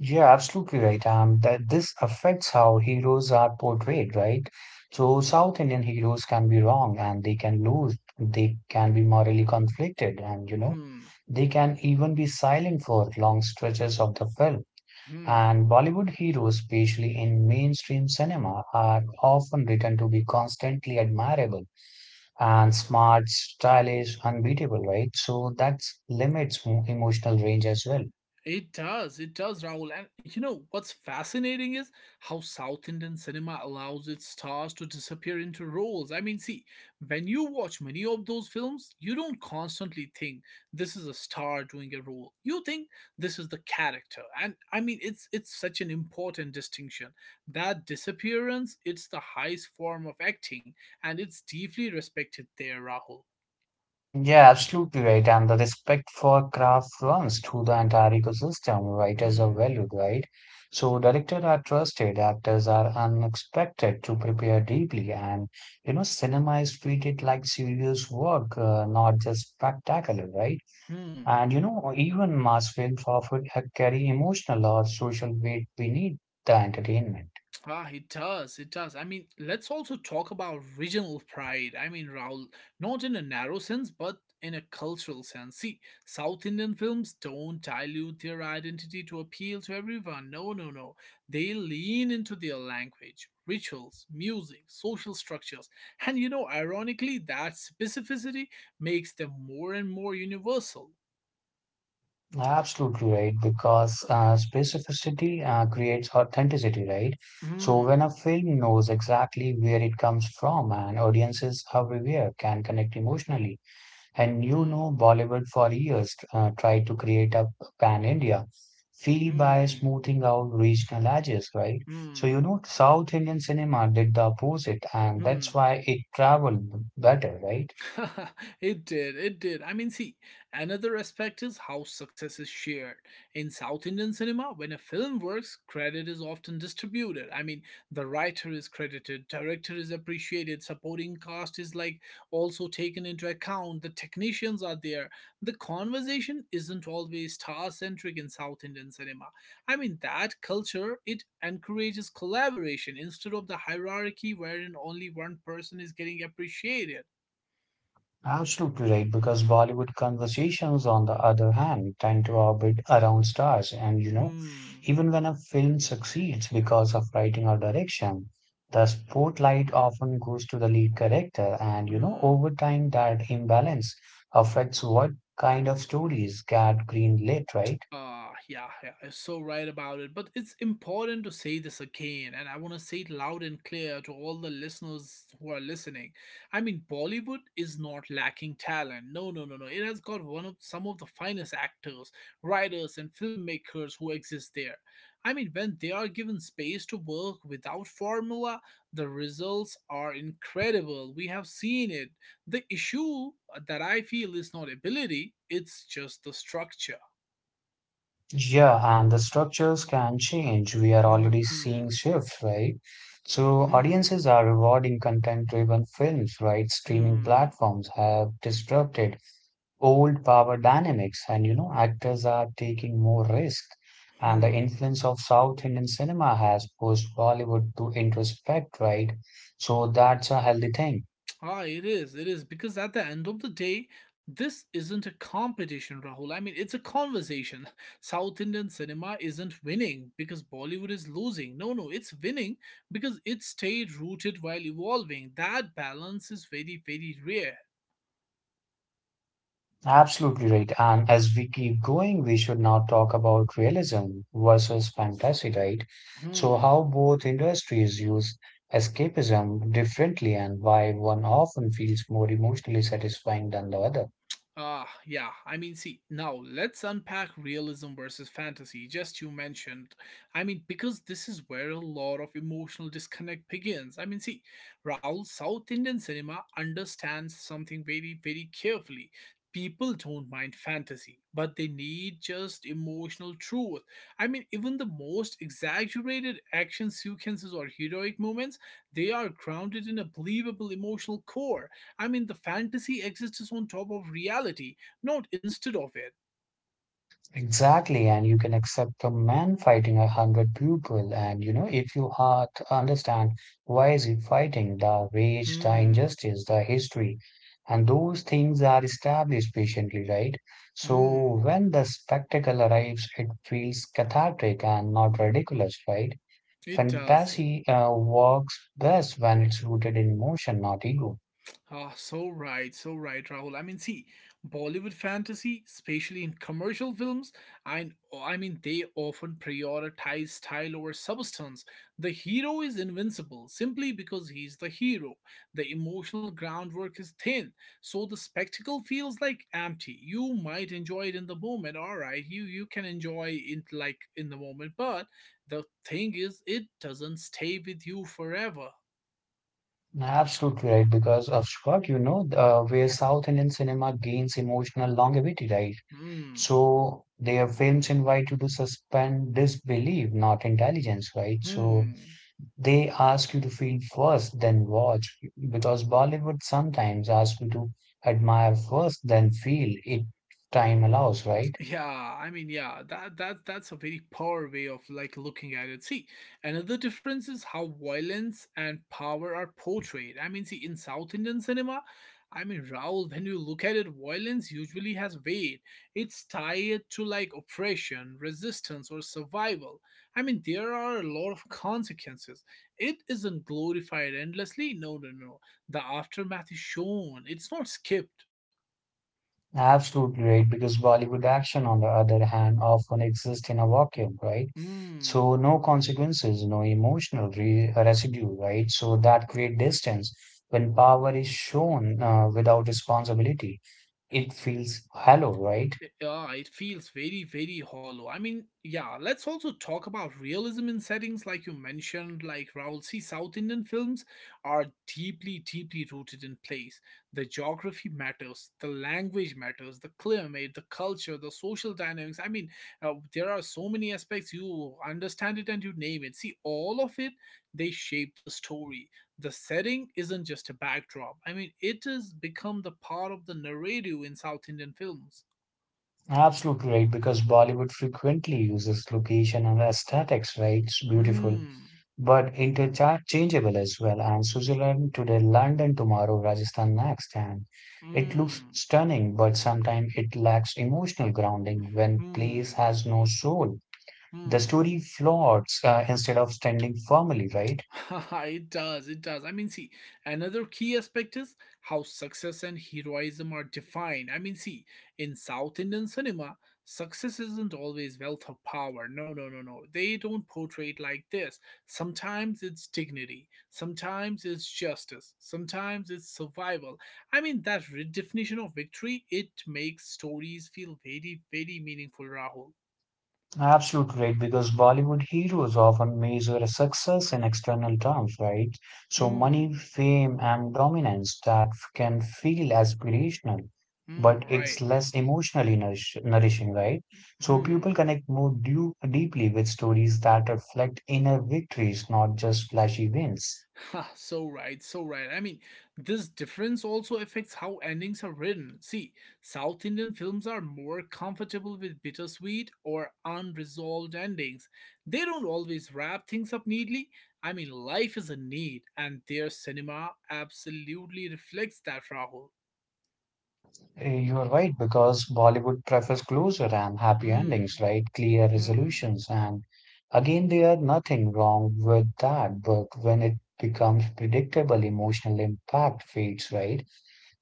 S2: Yeah, absolutely right. That this affects how heroes are portrayed, right? So South Indian heroes can be wrong and they can lose, they can be morally conflicted, and
S1: [clears throat]
S2: they can even be silent for long stretches of the film.
S1: Hmm, hmm.
S2: And Bollywood heroes, especially in mainstream cinema, are often written to be constantly admirable and smart, stylish, unbeatable, right? So that limits emotional range as well.
S1: It does, Rahul. And you know what's fascinating is how South Indian cinema allows its stars to disappear into roles. When you watch many of those films, you don't constantly think this is a star doing a role. You think this is the character. And it's such an important distinction. That disappearance, it's the highest form of acting, and it's deeply respected there, Rahul.
S2: Yeah, absolutely right. And the respect for craft runs through the entire ecosystem. Writers are
S1: Hmm.
S2: valued, right? So directors are trusted, actors are unexpected to prepare deeply, and cinema is treated like serious work, not just spectacular, right?
S1: Hmm.
S2: Even mass films often carry emotional or social weight beneath the entertainment.
S1: Ah, it does. It does. Let's also talk about regional pride. Raul, not in a narrow sense, but in a cultural sense. See, South Indian films don't dilute their identity to appeal to everyone. No, no, no. They lean into their language, rituals, music, social structures. And you know, ironically, that specificity makes them more and more universal.
S2: Absolutely right, because specificity creates authenticity, right? So when a
S1: Hmm,
S2: film knows exactly where it comes from and audiences everywhere can connect emotionally, and
S1: hmm,
S2: you know Bollywood for years tried to create a pan-India feel by
S1: hmm,
S2: smoothing out regional edges, right? So you
S1: hmm,
S2: know South Indian cinema did the opposite, and that's
S1: hmm.
S2: why it traveled better, right?
S1: [laughs] It did, it did. Another aspect is how success is shared. In South Indian cinema, when a film works, credit is often distributed. The writer is credited, director is appreciated, supporting cast is like also taken into account, the technicians are there. The conversation isn't always star centric in South Indian cinema. That culture, it encourages collaboration instead of the hierarchy wherein only one person is getting appreciated.
S2: Absolutely right, because Bollywood conversations, on the other hand, tend to orbit around stars. And you know,
S1: 嗯
S2: even when a film succeeds because of writing or direction, the spotlight often goes to the lead character. And
S1: 嗯
S2: you know,
S1: 嗯
S2: over time, that imbalance affects what kind of stories get greenlit, right?
S1: Ah, yeah, yeah, you're so right about it. But it's important to say this again, and I want to say it loud and clear to all the listeners who are listening. Bollywood is not lacking talent. No, no, no, no. It has got one of some of the finest actors, writers, and filmmakers who exist there. When they are given space to work without formula, the results are incredible. We have seen it. The issue that I feel is not ability, it's just the structure.
S2: Yeah, and the structures can change. We are already
S1: Hmm.
S2: seeing shifts, right? So
S1: Hmm.
S2: audiences are rewarding content-driven films, right? Streaming
S1: Hmm.
S2: platforms have disrupted old power dynamics, and actors are taking more risk. And
S1: Hmm.
S2: the influence of South Indian cinema has pushed Bollywood to introspect, right? So that's a healthy thing.
S1: Ah, it is. It is because at the end of the day, this isn't a competition, Rahul. It's a conversation. [laughs] South Indian cinema isn't winning because Bollywood is losing. No, no, it's winning because it stayed rooted while evolving. That balance is very, very rare.
S2: Absolutely right. And as we keep going, we should now talk about realism versus fantasy, right? So,
S1: Hmm.
S2: how both industries use escapism differently and why one often feels more emotionally satisfying than the other.
S1: Ah, yeah. Now let's unpack realism versus fantasy, just you mentioned. Because this is where a lot of emotional disconnect begins. Raul, South Indian cinema understands something very, very carefully. People don't mind fantasy, but they need just emotional truth. Even the most exaggerated action sequences or heroic moments, they are grounded in a believable emotional core. The fantasy exists on top of reality, not instead of it.
S2: Exactly, and you can accept a man fighting a hundred people, and if you heart understand why is he fighting, the rage, the
S1: Hmm.
S2: injustice, the history, and those things are established patiently, right? So
S1: Hmm.
S2: when the spectacle arrives, it feels cathartic and not ridiculous, right?
S1: It does.
S2: Fantasy works best when it's rooted in emotion, not ego.
S1: Ah, so right, so right, Rahul. Bollywood fantasy, especially in commercial films, they often prioritize style over substance. The hero is invincible simply because he's the hero. The emotional groundwork is thin, so the spectacle feels like empty. You might enjoy it in the moment, all right. You can enjoy it like in the moment, but the thing is, it doesn't stay with you forever.
S2: Absolutely right, because of Shwak, where South Indian cinema gains emotional longevity, right?
S1: Hmm.
S2: So their films invite you to suspend disbelief, not intelligence, right? So
S1: Hmm.
S2: they ask you to feel first, then watch, because Bollywood sometimes asks you to admire first, then feel if time allows, right?
S1: Yeah, yeah, that's a very poor way of like looking at it. See, another difference is how violence and power are portrayed. In South Indian cinema, Raul, when you look at it, violence usually has weight. It's tied to like oppression, resistance, or survival. There are a lot of consequences. It isn't glorified endlessly. No, no, no. The aftermath is shown. It's not skipped.
S2: Absolutely right, because Bollywood action, on the other hand, often exists in a vacuum, right?
S1: Hmm.
S2: So no consequences, no emotional re residue, right? So that create distance. When power is shown without responsibility, it feels hollow, right?
S1: Yeah, it feels very, very hollow. Yeah, let's also talk about realism in settings like you mentioned, like Raoul, see South Indian films are deeply, deeply rooted in place. The geography matters, the language matters, the climate, the culture, the social dynamics. There are so many aspects you understand it and you name it. See, all of it, they shape the story. The setting isn't just a backdrop. It has become the part of the narrative in South Indian films.
S2: Absolutely right, because Bollywood frequently uses location and aesthetics, right? It's beautiful,
S1: Mm,
S2: but interchangeable as well. And Switzerland today, London tomorrow, Rajasthan next. And it looks
S1: mm,
S2: stunning, but sometimes it lacks emotional grounding when place
S1: hmm,
S2: has no soul. The
S1: hmm.
S2: story floats instead of standing firmly, right?
S1: [laughs] It does, it does. Another key aspect is how success and heroism are defined. In South Indian cinema, success isn't always wealth or power. No, no, no, no. They don't portray it like this. Sometimes it's dignity, sometimes it's justice, sometimes it's survival. That redefinition of victory, it makes stories feel very, very meaningful, Rahul.
S2: Absolutely right, because Bollywood heroes often measure success in external terms, right? So money,
S1: Hmm.
S2: fame, and dominance that can feel aspirational,
S1: Hmm,
S2: but it's
S1: right.
S2: less emotionally nourishing, right? So people
S1: Hmm.
S2: connect more deeply with stories that reflect inner victories, not just flashy wins.
S1: Ha, so right, so right. This difference also affects how endings are written. See, South Indian films are more comfortable with bittersweet or unresolved endings. They don't always wrap things up neatly. Life is a need, and their cinema absolutely reflects that, Rahul.
S2: Eh, you're right, because Bollywood prefers closure and happy endings,
S1: Hmm,
S2: right? Clear
S1: hmm,
S2: resolutions. And again, there are nothing wrong with that. But when it becomes predictable, emotional impact fades, right?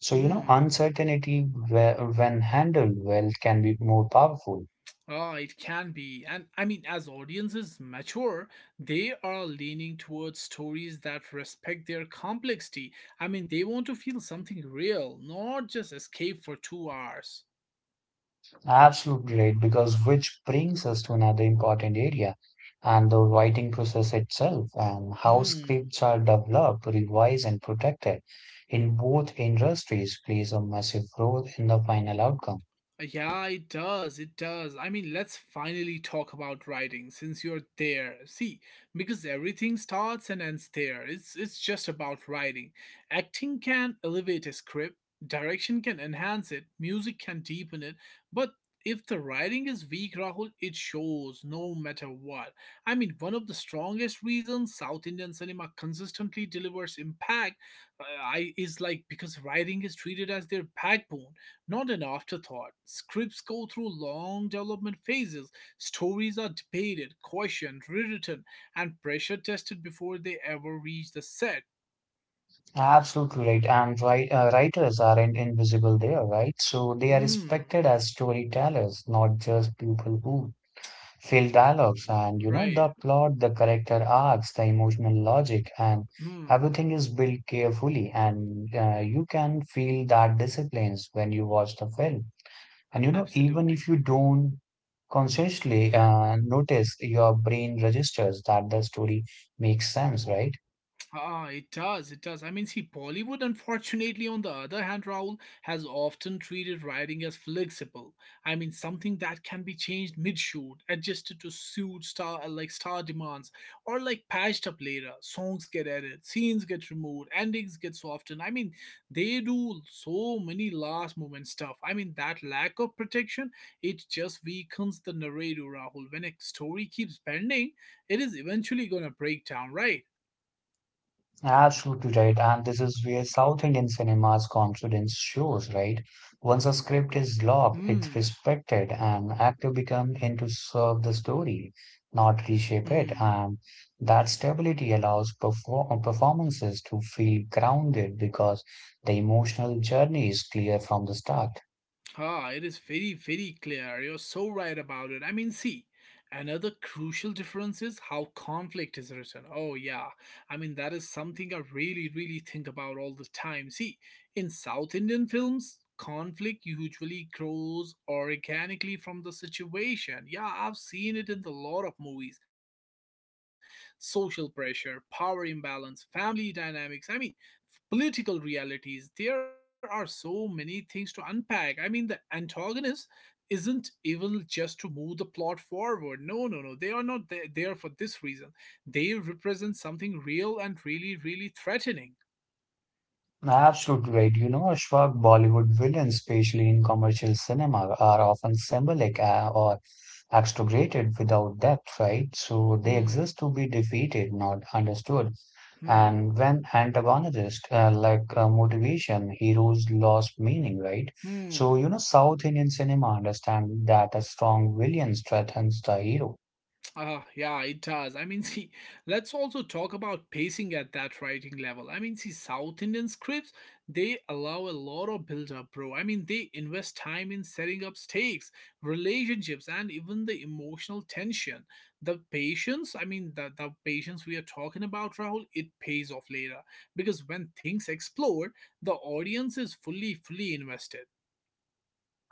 S2: So, uncertainty, when handled well, can be more powerful.
S1: Ah, it can be. And as audiences mature, they are leaning towards stories that respect their complexity. They want to feel something real, not just escape for 2 hours.
S2: Absolutely right, because which brings us to another important area and the writing process itself and how
S1: Hmm,
S2: scripts are developed, revised, and protected in both industries plays a massive role in the final outcome.
S1: Yeah, it does. It does. Let's finally talk about writing since you're there. See, because everything starts and ends there. It's just about writing. Acting can elevate a script, direction can enhance it, music can deepen it, but if the writing is weak, Rahul, it shows no matter what. One of the strongest reasons South Indian cinema consistently delivers impact is like because writing is treated as their backbone, not an afterthought. Scripts go through long development phases. Stories are debated, questioned, rewritten, and pressure tested before they ever reach the set.
S2: Absolutely right, and writers aren't invisible there, right? So they are
S1: Mm,
S2: respected as storytellers, not just people who fill dialogues and
S1: right.
S2: the plot, the character arcs, the emotional logic, and
S1: Mm,
S2: everything is built carefully and you can feel that disciplines when you watch the film, and even
S1: absolutely.
S2: if you don't consciously notice, your brain registers that the story makes sense, right?
S1: Ah, it does. It does. Bollywood, unfortunately, on the other hand, Raul, has often treated writing as flexible. Something that can be changed mid-shoot, adjusted to suit star demands, or like patched up later. Songs get added, scenes get removed, endings get softened. They do so many last-moment stuff. That lack of protection, it just weakens the narrator, Rahul. When a story keeps bending, it is eventually gonna break down, right?
S2: Absolutely right. And this is where South Indian cinema's confidence shows, right? Once a
S1: Hmm.
S2: script is locked, it's respected and actors become in to serve the story, not reshape
S1: Hmm.
S2: it. And that stability allows performances to feel grounded because the emotional journey is clear from the start.
S1: Ah, it is very, very clear. You're so right about it. Another crucial difference is how conflict is written. Oh, yeah. That is something I really, really think about all the time. See, in South Indian films, conflict usually grows organically from the situation. Yeah, I've seen it in a lot of movies: social pressure, power imbalance, family dynamics. Political realities. There are so many things to unpack. The antagonist isn't evil just to move the plot forward. No, no, no. They are not there for this reason. They represent something real and really, really threatening.
S2: Absolutely right. You know, Ashfaq, Bollywood villains, especially in commercial cinema, are often symbolic or exaggerated without depth, right? So they
S1: Hmm,
S2: exist to be defeated, not understood.
S1: hmm,
S2: And when antagonists motivation, heroes lost meaning, right? So,
S1: hmm.
S2: South Indian cinema understand that a strong villain strengthens the hero.
S1: Yeah, it does. [laughs] See, let's also talk about pacing at that writing level. I mean, see, South Indian scripts, they allow a lot of build up, bro. I mean, they invest time in setting up stakes, relationships, and even the emotional tension. The patience, I mean, the patience we are talking about, Rahul, it pays off later. Because when things explode, the audience is fully invested.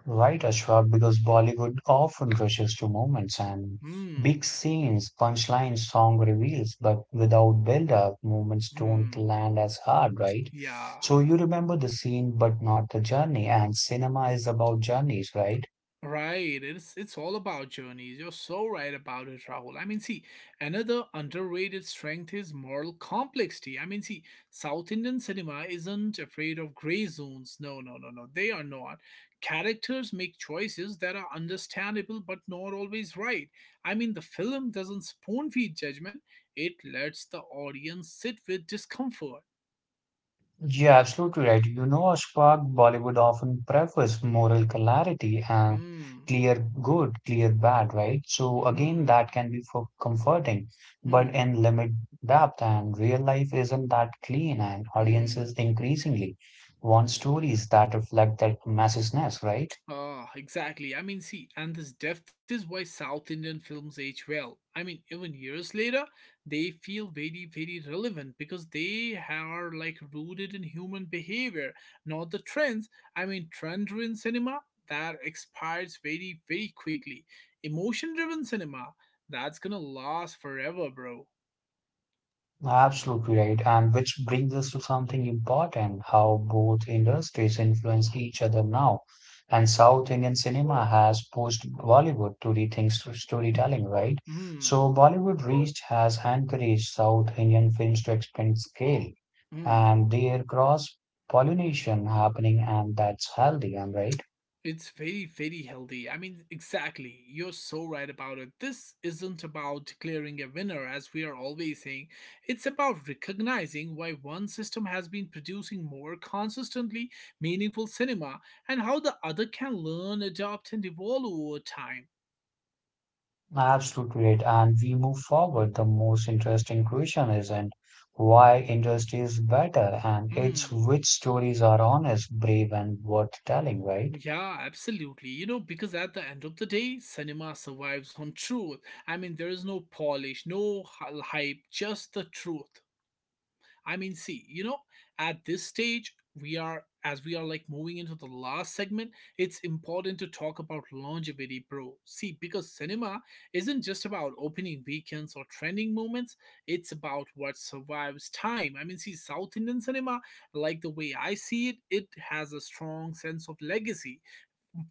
S2: Right, Ashwab, because Bollywood often rushes to moments and
S1: Hmm,
S2: big scenes, punchlines, song reveals, but without build-up, moments don't
S1: hmm,
S2: land as hard, right?
S1: yeah.
S2: So you remember the scene, but not the journey, and cinema is about journeys, right?
S1: Right, it's all about journeys. You're so right about it, Rahul. I mean, see, another underrated strength is moral complexity. I mean, see, South Indian cinema isn't afraid of gray zones. No, no, no, no. They are not. Characters make choices that are understandable but not always right. I mean, the film doesn't spoon feed judgment. It lets the audience sit with discomfort.
S2: Yeah, absolutely right. You know, Ashfaq, Bollywood often prefers moral clarity and
S1: Hmm.
S2: clear good, clear bad, right? So again,
S1: Hmm.
S2: that can be for comforting, but
S1: Hmm.
S2: in limit depth and real life isn't that clean and
S1: Hmm.
S2: audiences increasingly want stories that reflect that messiness, right?
S1: Ah, exactly. I mean, see, and this depth is why South Indian films age well. I mean, even years later, they feel very relevant because they are like rooted in human behavior, not the trends. I mean, trend driven cinema that expires very quickly. Emotion driven cinema that's gonna last forever, bro.
S2: Absolutely right. And which brings us to something important, how both industries influence each other now. And South Indian cinema has pushed Bollywood to rethink storytelling, right?
S1: Hmm.
S2: So Bollywood reach has encouraged South Indian films to expand scale
S1: Hmm.
S2: and their cross pollination happening, and that's healthy, am I right?
S1: It's very healthy. I mean, exactly. You're so right about it. This isn't about declaring a winner, as we are always saying. It's about recognizing why one system has been producing more consistently meaningful cinema and how the other can learn, adopt, and evolve over time.
S2: Absolutely right. And we move forward. The most interesting question isn't why industry is better, and it's
S1: Hmm.
S2: which stories are honest, brave, and worth telling, right?
S1: Yeah, absolutely. You know, because at the end of the day, cinema survives on truth. I mean, there is no polish, no hy- hype, just the truth. I mean, see, you know, at this stage, we are like moving into the last segment, it's important to talk about longevity, bro. See, because cinema isn't just about opening weekends or trending moments, it's about what survives time. I mean, see, South Indian cinema, like the way I see it, it has a strong sense of legacy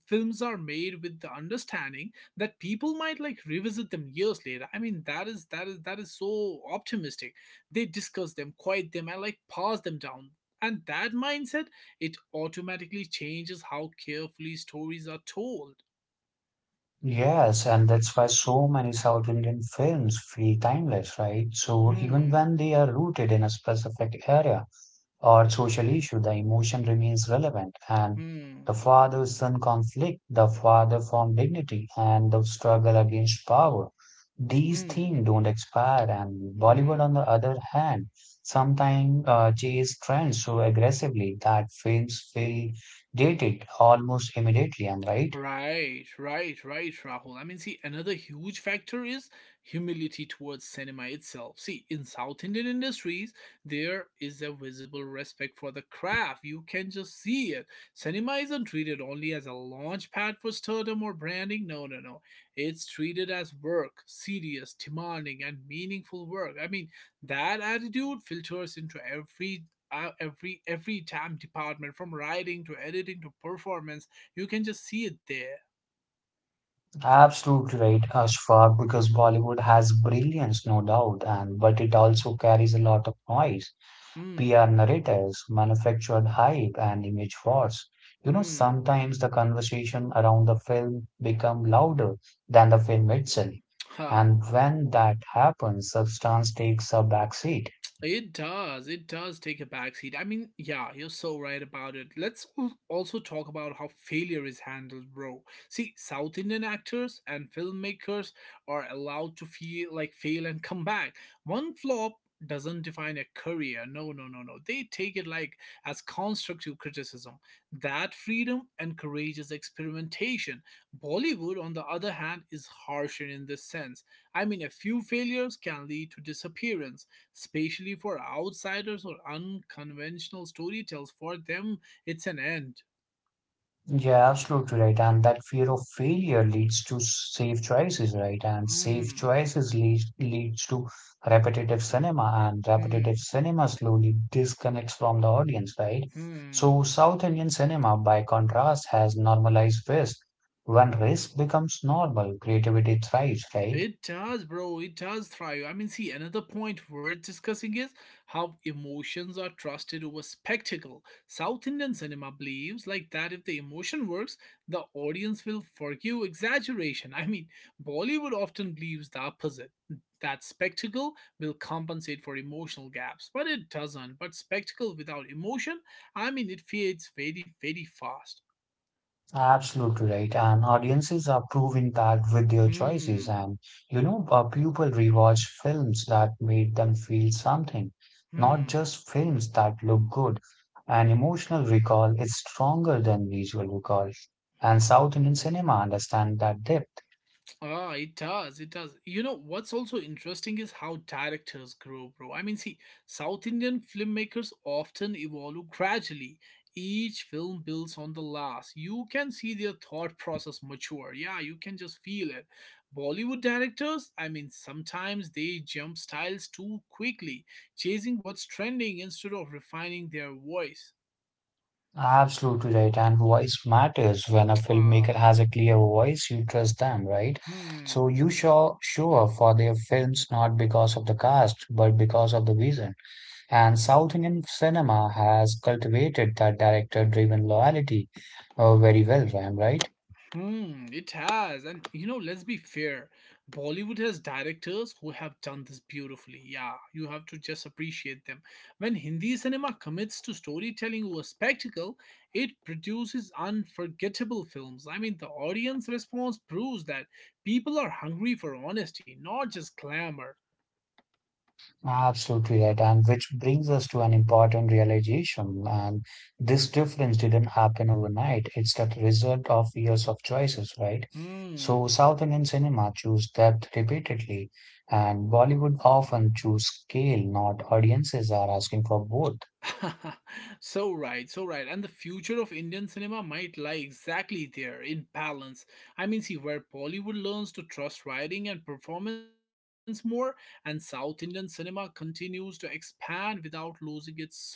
S1: films are made with the understanding that people might like revisit them years later. I mean, that is so optimistic. They discuss them, quiet them, and like pass them down, and that mindset, it automatically changes how carefully stories are told.
S2: Yes, and that's why so many South Indian films feel timeless, right? So even
S1: Hmm.
S2: when they are rooted in a specific area, or social issue, the emotion remains relevant. And the
S1: Hmm.
S2: father son conflict, the father form dignity, and the struggle against power. These
S1: Hmm.
S2: themes don't expire, and Bollywood,
S1: Hmm.
S2: on the other hand, sometimes chase trends so aggressively that films feel dated almost immediately. I'm right.
S1: Right, right, right, Rahul. I mean, see, another huge factor is humility towards cinema itself. See, in South Indian industries, there is a visible respect for the craft. You can just see it. Cinema isn't treated only as a launch pad for stardom or branding. No, no, no. It's treated as work, serious, demanding, and meaningful work. I mean, that attitude filters into every time department from writing to editing to performance. You can just see it there.
S2: Absolutely right, Ashfaq, because Bollywood has brilliance, no doubt, and but it also carries a lot of noise. PR
S1: Hmm.
S2: narratives, manufactured hype, and image wars.
S1: Hmm.
S2: Sometimes the conversation around the film become louder than the film itself.
S1: Ha.
S2: And when that happens, substance takes a backseat.
S1: It does. It does take a backseat. I mean, yeah, you're so right about it. Let's also talk about how failure is handled, bro. See, South Indian actors and filmmakers are allowed to feel like fail and come back. One flop doesn't define a career. No, no, no, no. They take it like as constructive criticism. That freedom encourages experimentation. Bollywood, on the other hand, is harsher in this sense. I mean, a few failures can lead to disappearance especially for outsiders or unconventional storytellers. For them, it's an end.
S2: Yeah, absolutely right. And that fear of failure leads to safe choices, right? And safe
S1: Mm,
S2: choices leads to repetitive cinema, and repetitive
S1: mm,
S2: cinema slowly disconnects from the audience, right?
S1: hmm.
S2: So South Indian cinema, by contrast, has normalized risk. When risk becomes normal, creativity thrives, right?
S1: It does, bro. It does thrive. I mean, see, another point worth discussing is how emotions are trusted over spectacle. South Indian cinema believes like that if the emotion works, the audience will forgive exaggeration. [laughs] I mean, Bollywood often believes the opposite. That spectacle will compensate for emotional gaps, but it doesn't. But spectacle without emotion, I mean, it fades very fast.
S2: Absolutely right. And audiences are proving that with their choices.
S1: Hmm.
S2: And, people rewatch films that made them feel something, not
S1: Hmm.
S2: just films that look good. And emotional recall is stronger than visual recall. And South Indian cinema understand that depth.
S1: Ah, it does. It does. You know, what's also interesting is how directors grow, bro. I mean, see, South Indian filmmakers often evolve gradually. Each film builds on the last. You can see their thought process mature. Yeah, you can just feel it. Bollywood directors, I mean, sometimes they jump styles too quickly, chasing what's trending instead of refining their voice.
S2: Absolutely right. And voice matters. When a
S1: [tsk] Ah,
S2: filmmaker has a clear voice, you trust them, right?
S1: hmm.
S2: So you show sure for their films not because of the cast, but because of the vision. And South Indian cinema has cultivated that director-driven loyalty very well, Ram, right?
S1: Hmm, it has. And you know, let's be fair. Bollywood has directors who have done this beautifully. Yeah, you have to just appreciate them. When Hindi cinema commits to storytelling over spectacle, it produces unforgettable films. I mean, the audience response proves that people are hungry for honesty, not just glamour.
S2: Absolutely right. And which brings us to an important realization. And this difference didn't happen overnight. It's the result of years of choices, right? So
S1: Hmm.
S2: South Indian cinema choose depth repeatedly, and Bollywood often choose scale, not audiences are asking for both.
S1: [laughs] So right, so right. And the future of Indian cinema might lie exactly there in balance. I mean, see, where Bollywood learns to trust writing and performance more, and South Indian cinema continues to expand without losing its soul.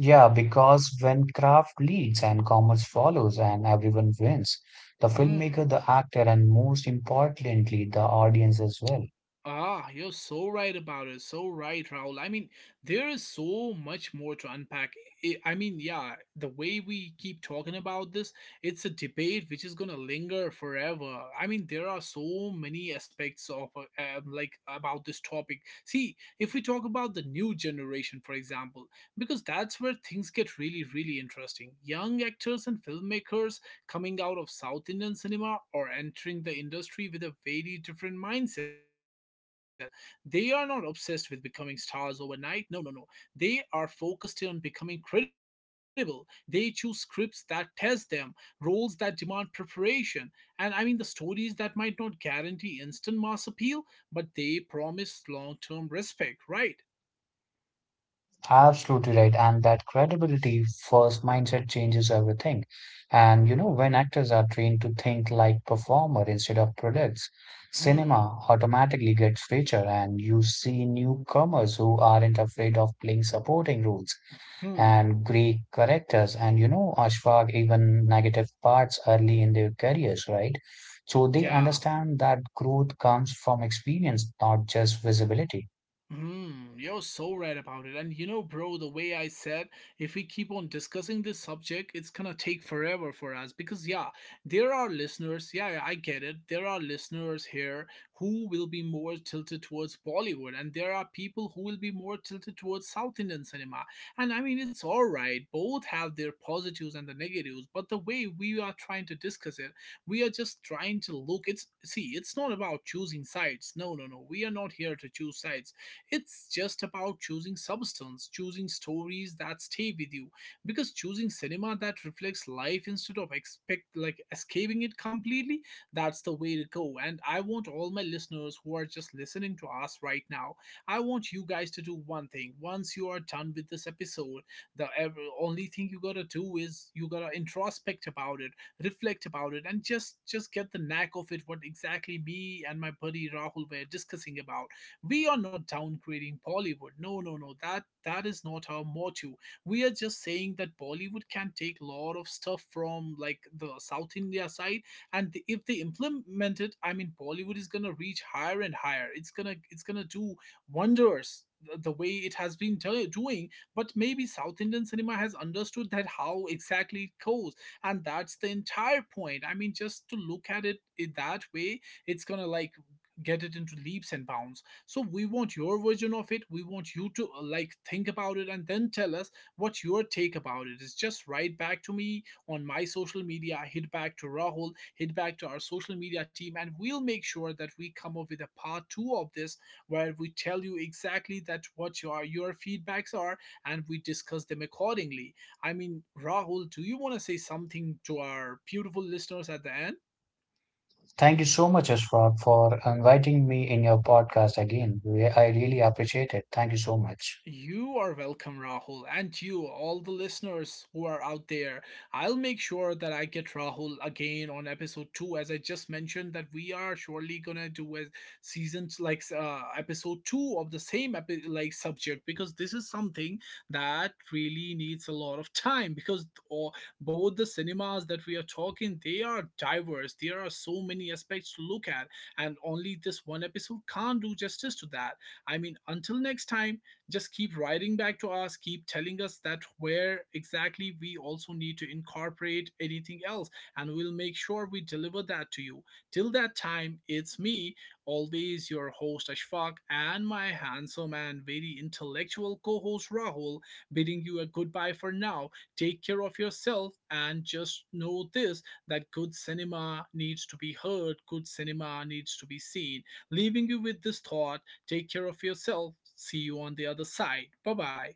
S2: Yeah, because when craft leads and commerce follows and everyone wins, the
S1: Hmm.
S2: filmmaker, the actor, and most importantly, the audience as well.
S1: Ah, you're so right about it. So right, Raul. I mean, there is so much more to unpack. I mean, yeah, the way we keep talking about this, it's a debate which is gonna linger forever. I mean, there are so many aspects of like about this topic. See, if we talk about the new generation, for example, because that's where things get really interesting. Young actors and filmmakers coming out of South Indian cinema or entering the industry with a very different mindset, they are not obsessed with becoming stars overnight. No, no, no. They are focused on becoming credible. They choose scripts that test them, roles that demand preparation, and I mean the stories that might not guarantee instant mass appeal, but they promise long term respect, right?
S2: Absolutely right. And that credibility first mindset changes everything. When actors are trained to think like performer instead of products,
S1: Hmm,
S2: cinema automatically gets richer and you see newcomers who aren't afraid of playing supporting roles
S1: hmm,
S2: and Greek characters and Ashfaq even negative parts early in their careers, right? So they
S1: yeah.
S2: understand that growth comes from experience, not just visibility.
S1: Hmm, you're so right about it. And you know, bro, the way I said, if we keep on discussing this subject, it's gonna take forever for us because, yeah, there are listeners, yeah, yeah, I get it. There are listeners here who will be more tilted towards Bollywood, and there are people who will be more tilted towards South Indian cinema. And I mean, it's all right, both have their positives and the negatives, but the way we are trying to discuss it, we are just trying to look. It's see, it's not about choosing sides. No, no, no, we are not here to choose sides, it's just about choosing substance, choosing stories that stay with you. Because choosing cinema that reflects life instead of expect like escaping it completely, that's the way to go. And I want all my listeners who are just listening to us right now, I want you guys to do one thing. Once you are done with this episode, the only thing you gotta do is you gotta introspect about it, reflect about it, and just get the knack of it, what exactly me and my buddy Rahul were discussing about. We are not downgrading Bollywood. No, no, no. That is not our motto. We are just saying that Bollywood can take a lot of stuff from like the South India side, and if they implement it, I mean, Bollywood is gonna reach higher and higher. It's gonna do wonders the way it has been doing. But maybe South Indian cinema has understood that how exactly it goes, and that's the entire point. I mean, just to look at it in that way, it's gonna like get it into leaps and bounds. So we want your version of it, we want you to like think about it and then tell us what your take about it is. Just write back to me on my social media, hit back to Rahul, hit back to our social media team, and we'll make sure that we come up with a part two of this, where we tell you exactly that what your feedbacks are, and we discuss them accordingly. I mean, Rahul, do you want to say something to our beautiful listeners at the end?
S2: Thank you so much, Ashfaq, for inviting me in your podcast again. I really appreciate it. Thank you so much.
S1: You are welcome, Rahul, and you, all the listeners who are out there. I'll make sure that I get Rahul again on episode two, as I just mentioned that we are surely gonna do a season like episode two of the same like subject, because this is something that really needs a lot of time. Because or both the cinemas that we are talking they are diverse. There are so many aspects to look at, and only this one episode can't do justice to that. I mean, until next time, just keep writing back to us, keep telling us that where exactly we also need to incorporate anything else, and we'll make sure we deliver that to you. Till that time, it's me, always your host Ashfaq, and my handsome and very intellectual co-host Rahul, bidding you a goodbye for now. Take care of yourself and just know this, that good cinema needs to be heard, good cinema needs to be seen. Leaving you with this thought, take care of yourself. See you on the other side. Bye bye.